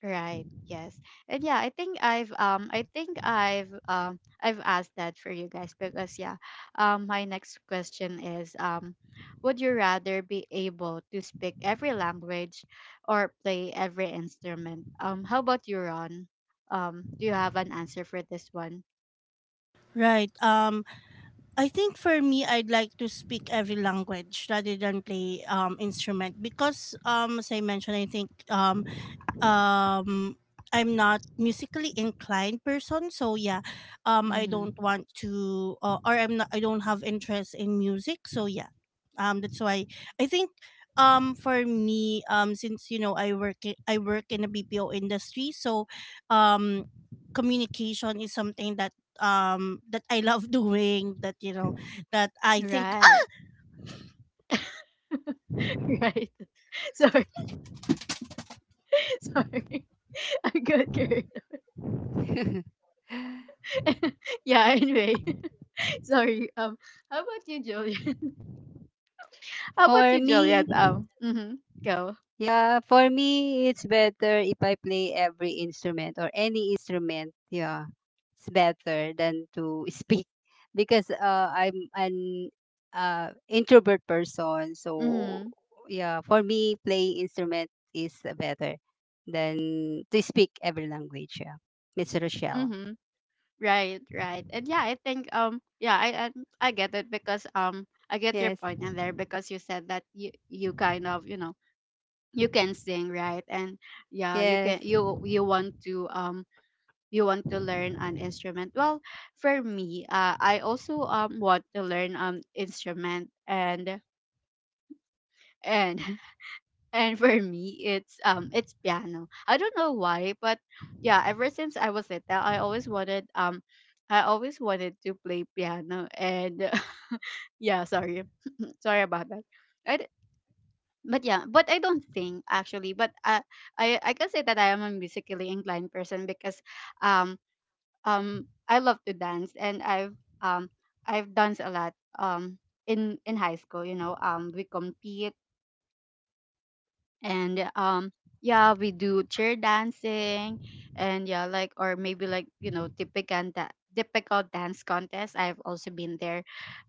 [SPEAKER 1] Right. Yes. And yeah, I think I've asked that for you guys because yeah, my next question is would you rather be able to speak every language or play every instrument? How about you, Ron? Do you have an answer for this one?
[SPEAKER 2] Right. I think for me, I'd like to speak every language rather than play instrument because as I mentioned, um I'm not musically inclined person so yeah I don't
[SPEAKER 1] Mhm.
[SPEAKER 2] want to or I don't have interest in music so yeah that's why I think for me since you know I work in the BPO industry so um communication is something that that I love doing that you know that I think
[SPEAKER 1] Right. Right. Sorry. Sorry. I'm good, good. Yeah, anyway. Sorry. How about you, Julian? How about
[SPEAKER 3] for
[SPEAKER 1] you, Juliet?
[SPEAKER 3] me,
[SPEAKER 1] Mhm, go.
[SPEAKER 3] yeah, for me, it's better if I play every instrument or any instrument. Yeah. It's better than to speak because I'm an introvert person. So
[SPEAKER 1] Mhm,
[SPEAKER 3] yeah, for me, playing instrument is better than to speak every language. Yeah, Miss Rochelle.
[SPEAKER 1] mhm. Right, right. And yeah, I think yeah, I get it because I get your
[SPEAKER 3] Yes,
[SPEAKER 1] point in there because you said that you kind of you know you can sing right and yeah
[SPEAKER 3] yes.
[SPEAKER 1] you want to learn an instrument. Well, for me, I also want to learn instrument and And for me, it's piano. I don't know why, but yeah, ever since I was little, I always wanted I always wanted to play piano and yeah, sorry. Sorry about that. I d- but yeah, but I don't think actually, but I can say that I am a musically inclined person because um I love to dance and um I've danced a lot um in high school, you know, we compete and yeah we do chair dancing and yeah like or maybe like you know typical that typical dance contest I've also been there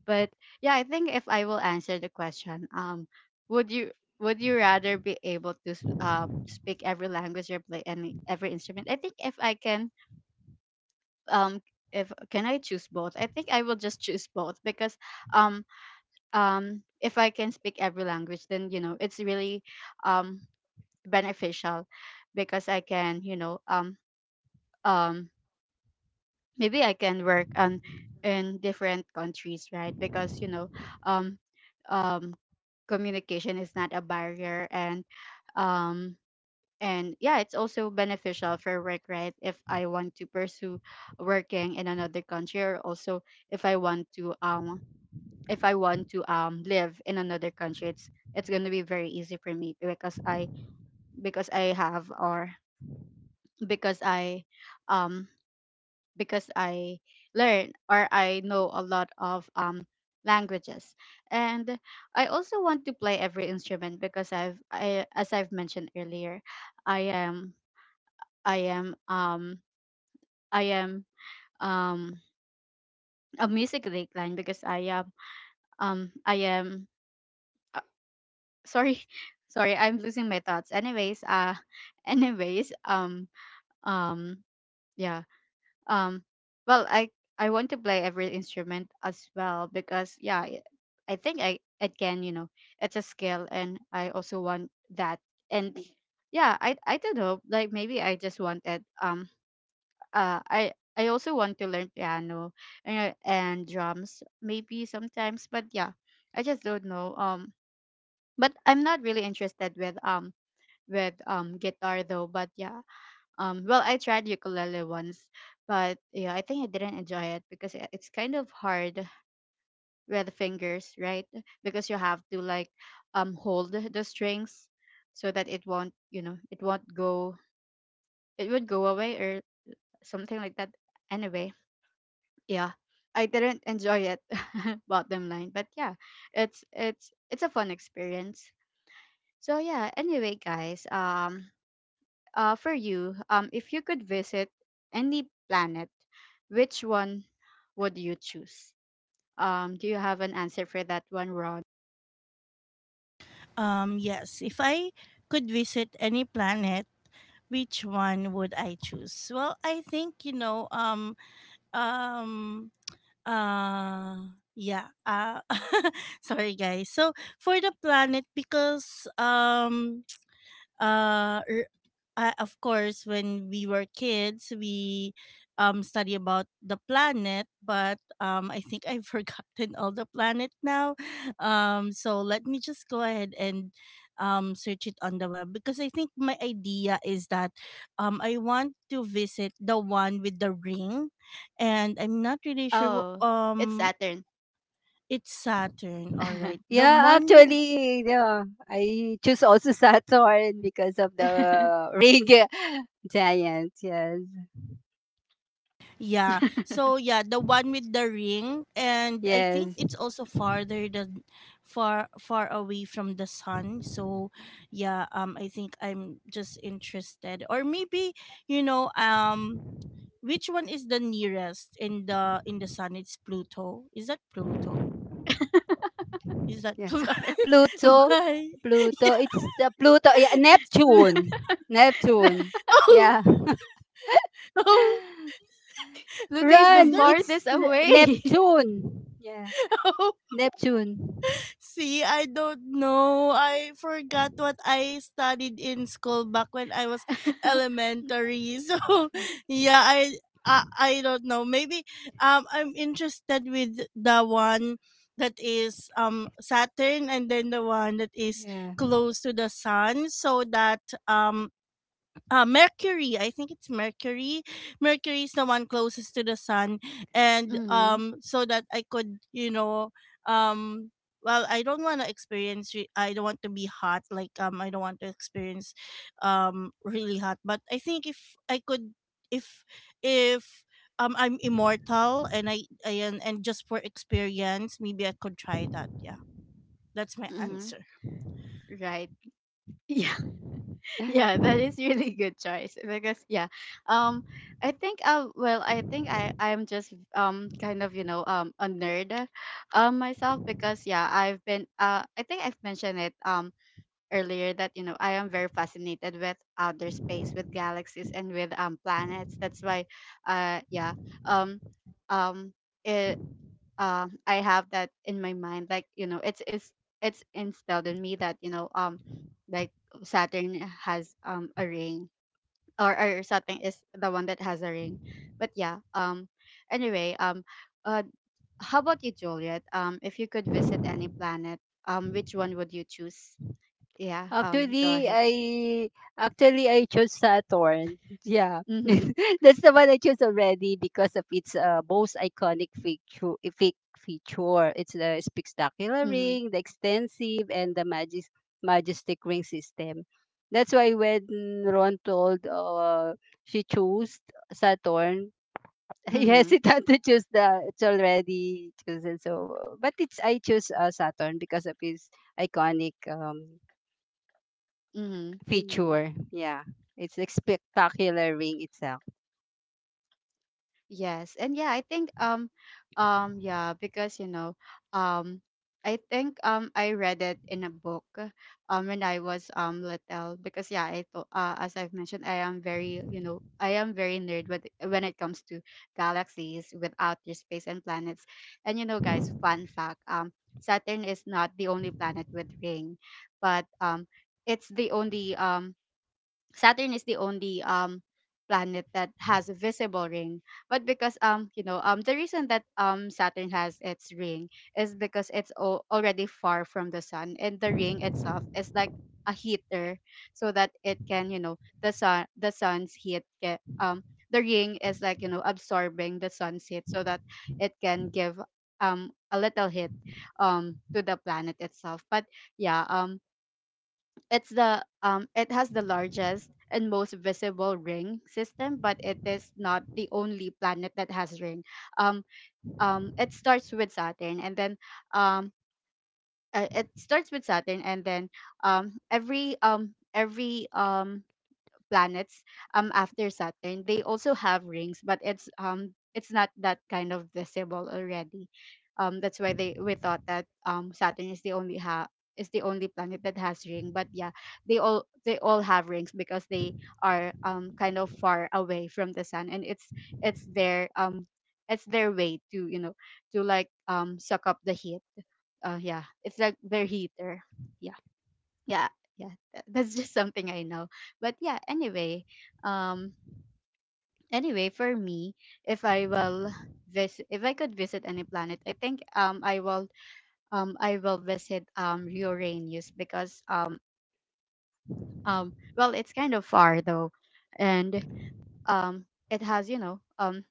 [SPEAKER 1] but yeah I think if I will answer the question, would you would you rather be able to speak every language or play any every instrument? I think if I can um if can I choose both, I think I will just choose both because um if I can speak every language then you know it's really um beneficial because I can, you know, um maybe I can work on in different countries, right? Because, you know, um um communication is not a barrier um and yeah, it's also beneficial for work, right? If I want to pursue working in another country or also if I want to if I want to live in another country, it's going to be very easy for me because I have or because I um because I learn or I know a lot of languages. And I also want to play every instrument because I've I as I've mentioned earlier, I am I am I am um a music decline because I am uh, sorry. Sorry, I'm losing my thoughts. Anyways, anyways, um yeah. Um, well, I want to play every instrument as well because yeah, I think I it can, you know, it's a skill and I also want that and yeah, I don't know, like maybe I just wanted uh I. I also want to learn piano and drums maybe sometimes, but yeah I just don't know but I'm not really interested with guitar though. But yeah, well, I tried ukulele once, but yeah, I think I didn't enjoy it because it's kind of hard with fingers, right? Because you have to like hold the strings so that it won't, you know, it won't go, it would go away or something like that. Anyway, yeah, I didn't enjoy it. Bottom line, but yeah, it's it's a fun experience. So yeah, anyway, guys, for you, if you could visit any planet, which one would you choose? Do you have an answer for that one, Ron?
[SPEAKER 2] um. Yes, if I could visit any planet which one would I choose? Well, I think you know, um, uh, yeah, uh, sorry guys. So for the planet, because uh, er, of course when we were kids we study about the planet but I think I've forgotten all the planet now so let me just go ahead and search it on the web because I think my idea is that I want to visit the one with the ring and I'm not really sure
[SPEAKER 1] Oh, it's Saturn.
[SPEAKER 2] it's saturn all right the
[SPEAKER 3] Yeah,
[SPEAKER 2] one with
[SPEAKER 3] actually, yeah, I choose also Saturn because of the rig giant. Yes,
[SPEAKER 2] yeah. So yeah, the one with the ring and I think
[SPEAKER 3] yes,
[SPEAKER 2] it's also farther than far far away from the sun. So yeah, I think I'm just interested. Or maybe, you know, which one is the nearest in the sun? It's Pluto. Is that Pluto? Is that
[SPEAKER 3] yeah.
[SPEAKER 2] Pluto?
[SPEAKER 1] Sorry.
[SPEAKER 3] Pluto,
[SPEAKER 2] Why? Yeah,
[SPEAKER 3] Pluto, it's Pluto, yeah,
[SPEAKER 2] it's Pluto.
[SPEAKER 3] Neptune, Neptune,
[SPEAKER 2] Oh,
[SPEAKER 3] yeah.
[SPEAKER 2] oh,
[SPEAKER 1] Pluto is the
[SPEAKER 2] is
[SPEAKER 3] Run,
[SPEAKER 2] that?
[SPEAKER 3] it's
[SPEAKER 1] farthest away.
[SPEAKER 3] Neptune, yeah, Neptune,
[SPEAKER 2] See, I don't know. I forgot what I studied in school back when I was elementary. So, yeah, I don't know. Maybe I'm interested with the one that is Saturn and then the one that is
[SPEAKER 3] yeah.
[SPEAKER 2] close to the sun so that um Mercury. I think it's Mercury. Mercury is the one closest to the sun, and
[SPEAKER 1] Mm-hmm.
[SPEAKER 2] so that I could, you know, um, well, I don't want to experience. I don't want to be hot. Like I don't want to experience, really hot. But I think if I could, if if I'm immortal and and just for experience, maybe I could try that. Yeah, that's my
[SPEAKER 1] Mm-hmm.
[SPEAKER 2] answer.
[SPEAKER 1] Right. Yeah.
[SPEAKER 3] Yeah.
[SPEAKER 1] Yeah, that is really good choice because yeah, um, I think well I think I'm just kind of you know a nerd, myself because yeah I've been I think I've mentioned it earlier that you know I am very fascinated with outer space, with galaxies, and with planets. That's why yeah um um. eh, I have that in my mind. Like you know, it's instilled in me that you know, like Saturn has a ring, or Saturn is the one that has a ring. But yeah, anyway, uh, how about you, Juliet? If you could visit any planet, which one would you choose? Yeah, go
[SPEAKER 3] Actually,
[SPEAKER 1] ahead.
[SPEAKER 3] I chose Saturn. Yeah.
[SPEAKER 1] Mhm,
[SPEAKER 3] That's the one I chose already because of its most iconic feature. Fake feature. It's the spectacular
[SPEAKER 1] mhm,
[SPEAKER 3] ring, the extensive, and the majestic ring system. That's why when Ron told she chose Saturn, he
[SPEAKER 1] mhm,
[SPEAKER 3] hesitated to choose, the it's already chosen. So, but it's I chose Saturn because of his iconic
[SPEAKER 1] mhm.
[SPEAKER 3] feature. Yeah, it's the spectacular ring itself.
[SPEAKER 1] Yes. And yeah, I think yeah, because you know, um I think I read it in a book when I was little because yeah, I thought as I've mentioned, I am very, you know, I am very nerd with when it comes to galaxies, with outer space and planets. And you know, guys, fun fact, Saturn is not the only planet with ring, but it's the only Saturn is the only planet that has a visible ring. But because you know the reason that Saturn has its ring is because it's already far from the sun, and the ring itself is like a heater so that it can, you know, the sun's heat get the ring is like, you know, absorbing the sun's heat so that it can give a little hit to the planet itself. But yeah, it's the it has the largest and most visible ring system, but it is not the only planet that has ring. Um it starts with Saturn and then um it starts with Saturn and then every planets after Saturn, they also have rings, but it's not that kind of visible already. That's why they we thought that Saturn is the only ha is the only planet that has ring. But yeah, they all have rings because they are kind of far away from the sun, and it's their it's their way to, you know, to like suck up the heat. Yeah, it's like their heater. Yeah, yeah, that's just something I know. But yeah, anyway, um anyway for me, if I will visit if I could visit any planet, I think I will I will visit Uranus because well it's kind of far though, and um it has, you know,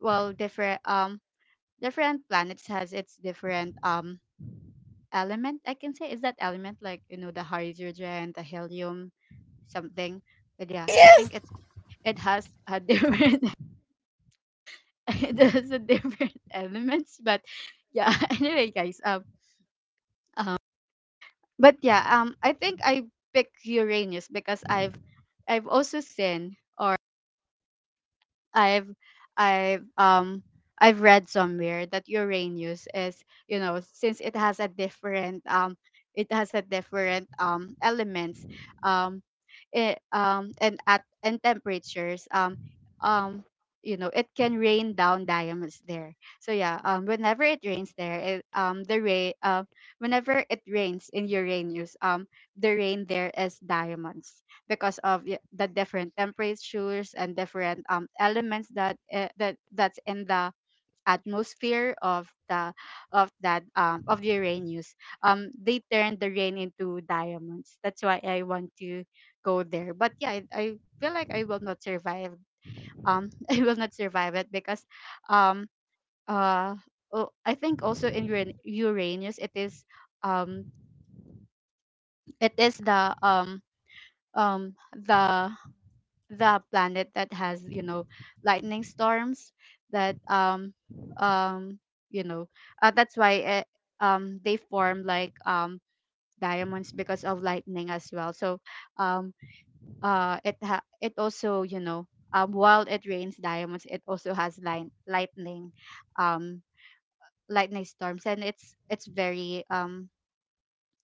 [SPEAKER 1] well different different planets has its different element, I can say, is that element, like you know, the hydrogen, the helium, something. But yeah, I
[SPEAKER 2] Yes.
[SPEAKER 1] think it has a different it has a different elements, but yeah anyway guys um, but yeah I think I pick Uranus because I've also seen I've I've um I've read somewhere that Uranus is, you know, since it has a different it has a different elements um and at and temperatures um you know it can rain down diamonds there. So yeah, whenever it rains there it, the rain whenever it rains in Uranus, the rain there is diamonds because of the different temperatures and different elements that that's in the atmosphere of the of that of Uranus. They turn the rain into diamonds. That's why I want to go there. But yeah, I feel like I will not survive. I will not survive it because, um, uh, oh, I think also in Uranus um, it is the um the the planet that has, you know, lightning storms that um you know that's why it, they form like diamonds because of lightning as well. So um it it also, you know, while it rains diamonds it also has lightning um lightning storms, and it's very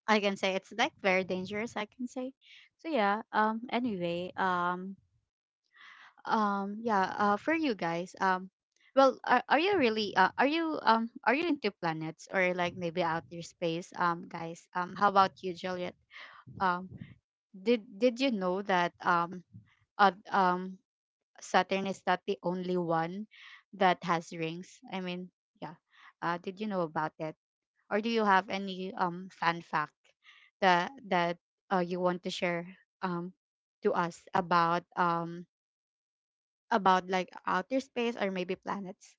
[SPEAKER 1] I can say it's like very dangerous I can say. So yeah, anyway, yeah. For you guys, well are you really are you into planets or like maybe outer space guys? How about you, Juliet? um did you know that uh, um Saturn is not the only one that has rings, I mean, yeah did you know about that, or do you have any fan fact that that you want to share um to us about like outer space or maybe planets.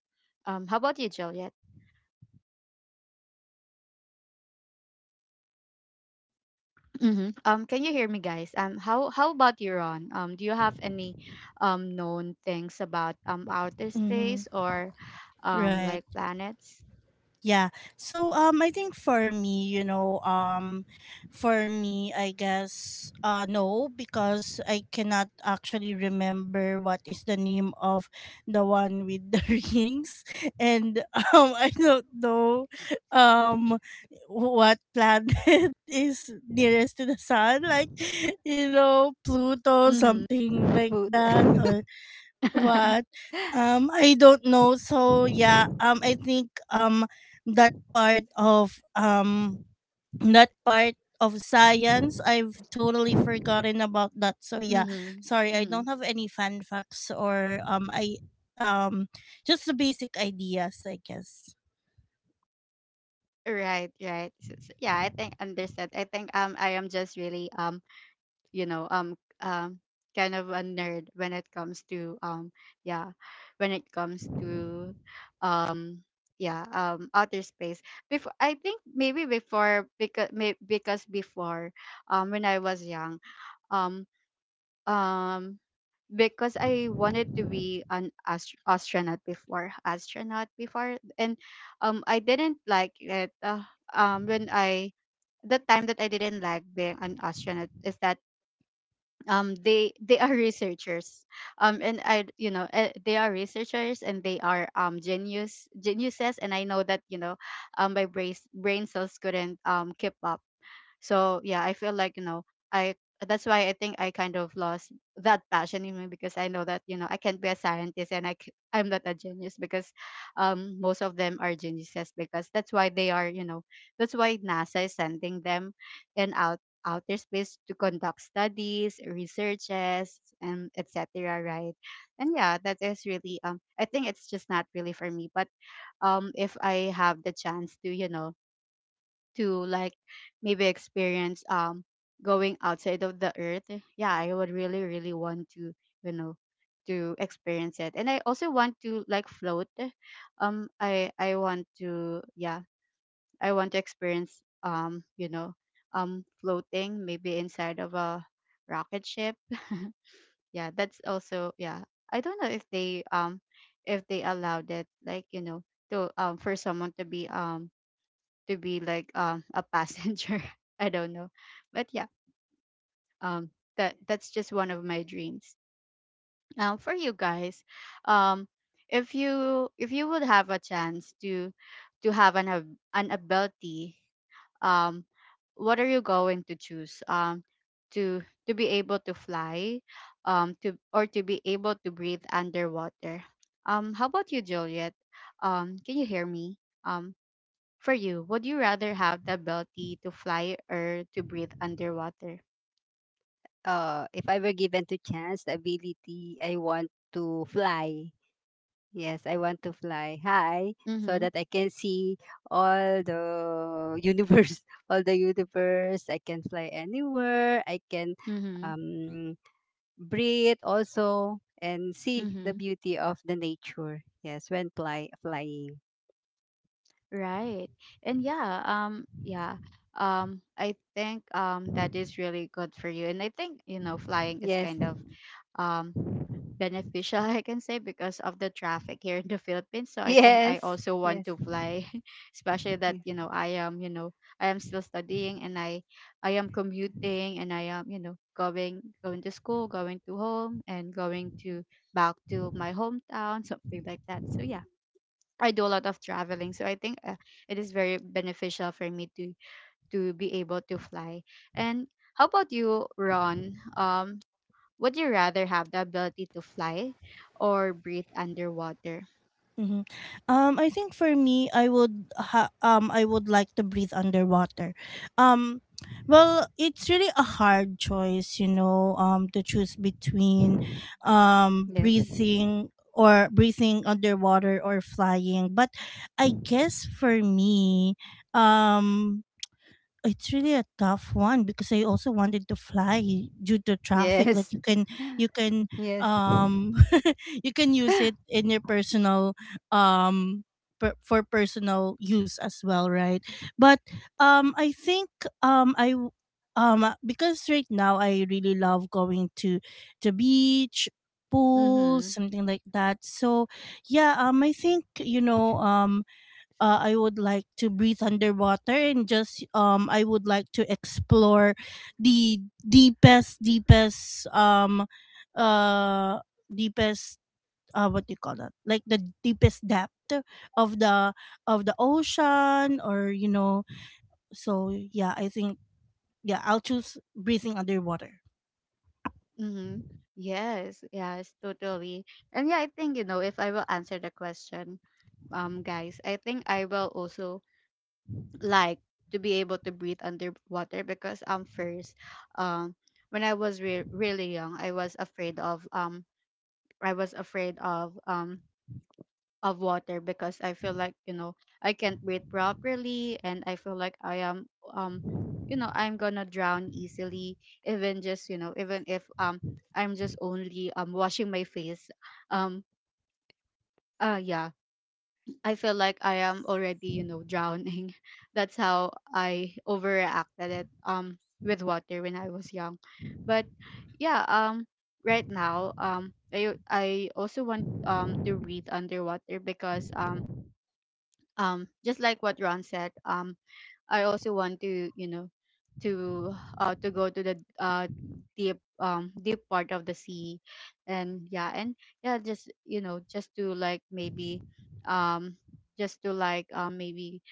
[SPEAKER 1] How about you, Juliet? Mm-hmm. Can you hear me, guys? How about you, Ron? Do you have any known things about outer
[SPEAKER 2] Mm-hmm.
[SPEAKER 1] space or
[SPEAKER 2] Right.
[SPEAKER 1] like planets?
[SPEAKER 2] Yeah. So I think for me, you know, for me I guess no because I cannot actually remember what is the name of the one with the rings and I don't know um what planet is nearest to the sun like you know Pluto
[SPEAKER 1] Mm-hmm.
[SPEAKER 2] something like
[SPEAKER 3] Food.
[SPEAKER 2] that or what? I don't know. So yeah, I think that part of um that part of science I've totally forgotten about that. So yeah,
[SPEAKER 1] mm-hmm.
[SPEAKER 2] sorry, I
[SPEAKER 1] Mm-hmm.
[SPEAKER 2] don't have any fun facts or I um just the basic ideas, I guess.
[SPEAKER 1] Right, right. Yeah, I think understood. I think I am just really you know um um kind of a nerd when it comes to yeah, when it comes to um yeah, outer space before. I think maybe before, because before, when I was young, um um because I wanted to be an astronaut before, astronaut before. And I didn't like it. When I the time that I didn't like being an astronaut is that they are researchers, and I you know they are researchers and they are geniuses, and I know that, you know, my brain cells couldn't keep up. So yeah, I feel like, you know, I that's why I think I kind of lost that passion in me, because I know that, you know, I can't be a scientist and I'm not a genius, because most of them are geniuses. Because that's why they are, you know, that's why NASA is sending them in outer space to conduct studies, researches, and etc. Right? And yeah, that is really I think it's just not really for me. But if I have the chance to, you know, to like maybe experience going outside of the earth, yeah, I would really, really want to, you know, to experience it. And I also want to like float. I want to, yeah, I want to experience you know, floating maybe inside of a rocket ship. Yeah, that's also, yeah, I don't know if they allowed it, like, you know, to for someone to be like a passenger. I don't know, but yeah, um, that that's just one of my dreams. For you guys, um, if you would have a chance to have an an ability, um, what are you going to choose? To to be able to fly, to or to be able to breathe underwater. How about you, Juliet? Can you hear me? Um, for you, would you rather have the ability to fly or to breathe underwater?
[SPEAKER 3] If I were given to chance, the ability, I want to fly. Yes, I want to fly high so
[SPEAKER 1] Mm-hmm.
[SPEAKER 3] that I can see all the universe, all the universe. I can fly anywhere. I can
[SPEAKER 1] Mm-hmm.
[SPEAKER 3] um, breathe also and see the
[SPEAKER 1] Mm-hmm.
[SPEAKER 3] beauty of the nature. Yes, when flying.
[SPEAKER 1] Right. And yeah, yeah. I think that is really good for you. And I think, you know, flying is
[SPEAKER 3] Yes.
[SPEAKER 1] kind of um beneficial, I can say, because of the traffic here in the Philippines. So I think I
[SPEAKER 3] Yes,
[SPEAKER 1] also want
[SPEAKER 3] yes,
[SPEAKER 1] to fly, especially that,
[SPEAKER 3] yes.
[SPEAKER 1] you know, I am, you know, I am still studying, and I am commuting, and I am, you know, going to school, going to home, and going to back to my hometown, something like that. So yeah. I do a lot of traveling, so I think it is very beneficial for me to be able to fly. And how about you, Ron? Would you rather have the ability to fly or breathe underwater?
[SPEAKER 2] Hmm. I think for me, I would like to breathe underwater. Um, well, it's really a hard choice, you know, to choose between
[SPEAKER 3] Yes.
[SPEAKER 2] breathing underwater or flying. But I guess for me, um, it's really a tough one because I also wanted to fly due to traffic.
[SPEAKER 3] Yes.
[SPEAKER 2] Like you can you can
[SPEAKER 3] Yes.
[SPEAKER 2] um you can use it in your personal um for personal use as well, right? But I think I w- because right now I really love going to the beach pool
[SPEAKER 1] Mm-hmm.
[SPEAKER 2] something like that so yeah I think you know I would like to breathe underwater and just I would like to explore the deepest uh deepest what do you call that like the deepest depth of the ocean or you know so yeah I think yeah I'll choose breathing underwater.
[SPEAKER 1] Mm-hmm. Yes, yes, totally. And yeah, I think, you know, if I will answer the question, guys, I think I will also like to be able to breathe underwater, because first, um when I was really young, I was afraid of I was afraid of um of water, because I feel like, you know, I can't breathe properly, and I feel like I am, um you know, I'm gonna drown easily, even just, you know, even if I'm just only washing my face. um yeah, I feel like I am already, you know, drowning. That's how I overreacted it with water when I was young. But yeah, right now, I also want to breathe underwater, because just like what Ron said, I also want to, you know, to go to the deep, deep part of the sea. And yeah, and yeah, just, you know, just to like maybe um just to like maybe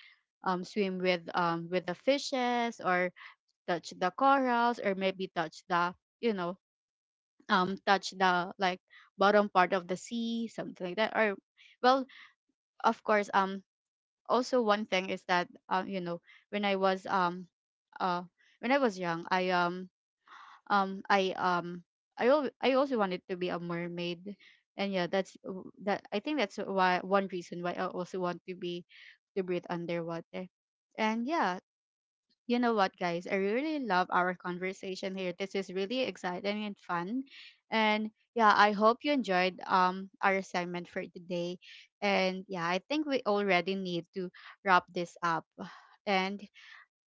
[SPEAKER 1] swim with the fishes, or touch the corals, or maybe touch the, you know, touch the like bottom part of the sea, something like that. Or well, of course, also one thing is that you know, when I was um uh when I was young, um I um I also wanted to be a mermaid. And yeah, that's that, I think, that's why one reason why I also want to be to breathe underwater. And yeah, you know what, guys? I really love our conversation here. This is really exciting and fun. And yeah, I hope you enjoyed our assignment for today. And yeah, I think we already need to wrap this up. And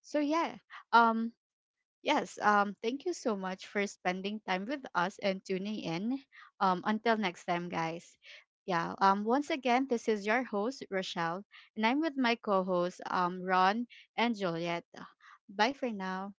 [SPEAKER 1] so yeah, um Yes, thank you so much for spending time with us and tuning in. Until next time, guys. Yeah, once again, this is your host, Rochelle, and I'm with my co hosts, Ron and Juliet. Bye for now.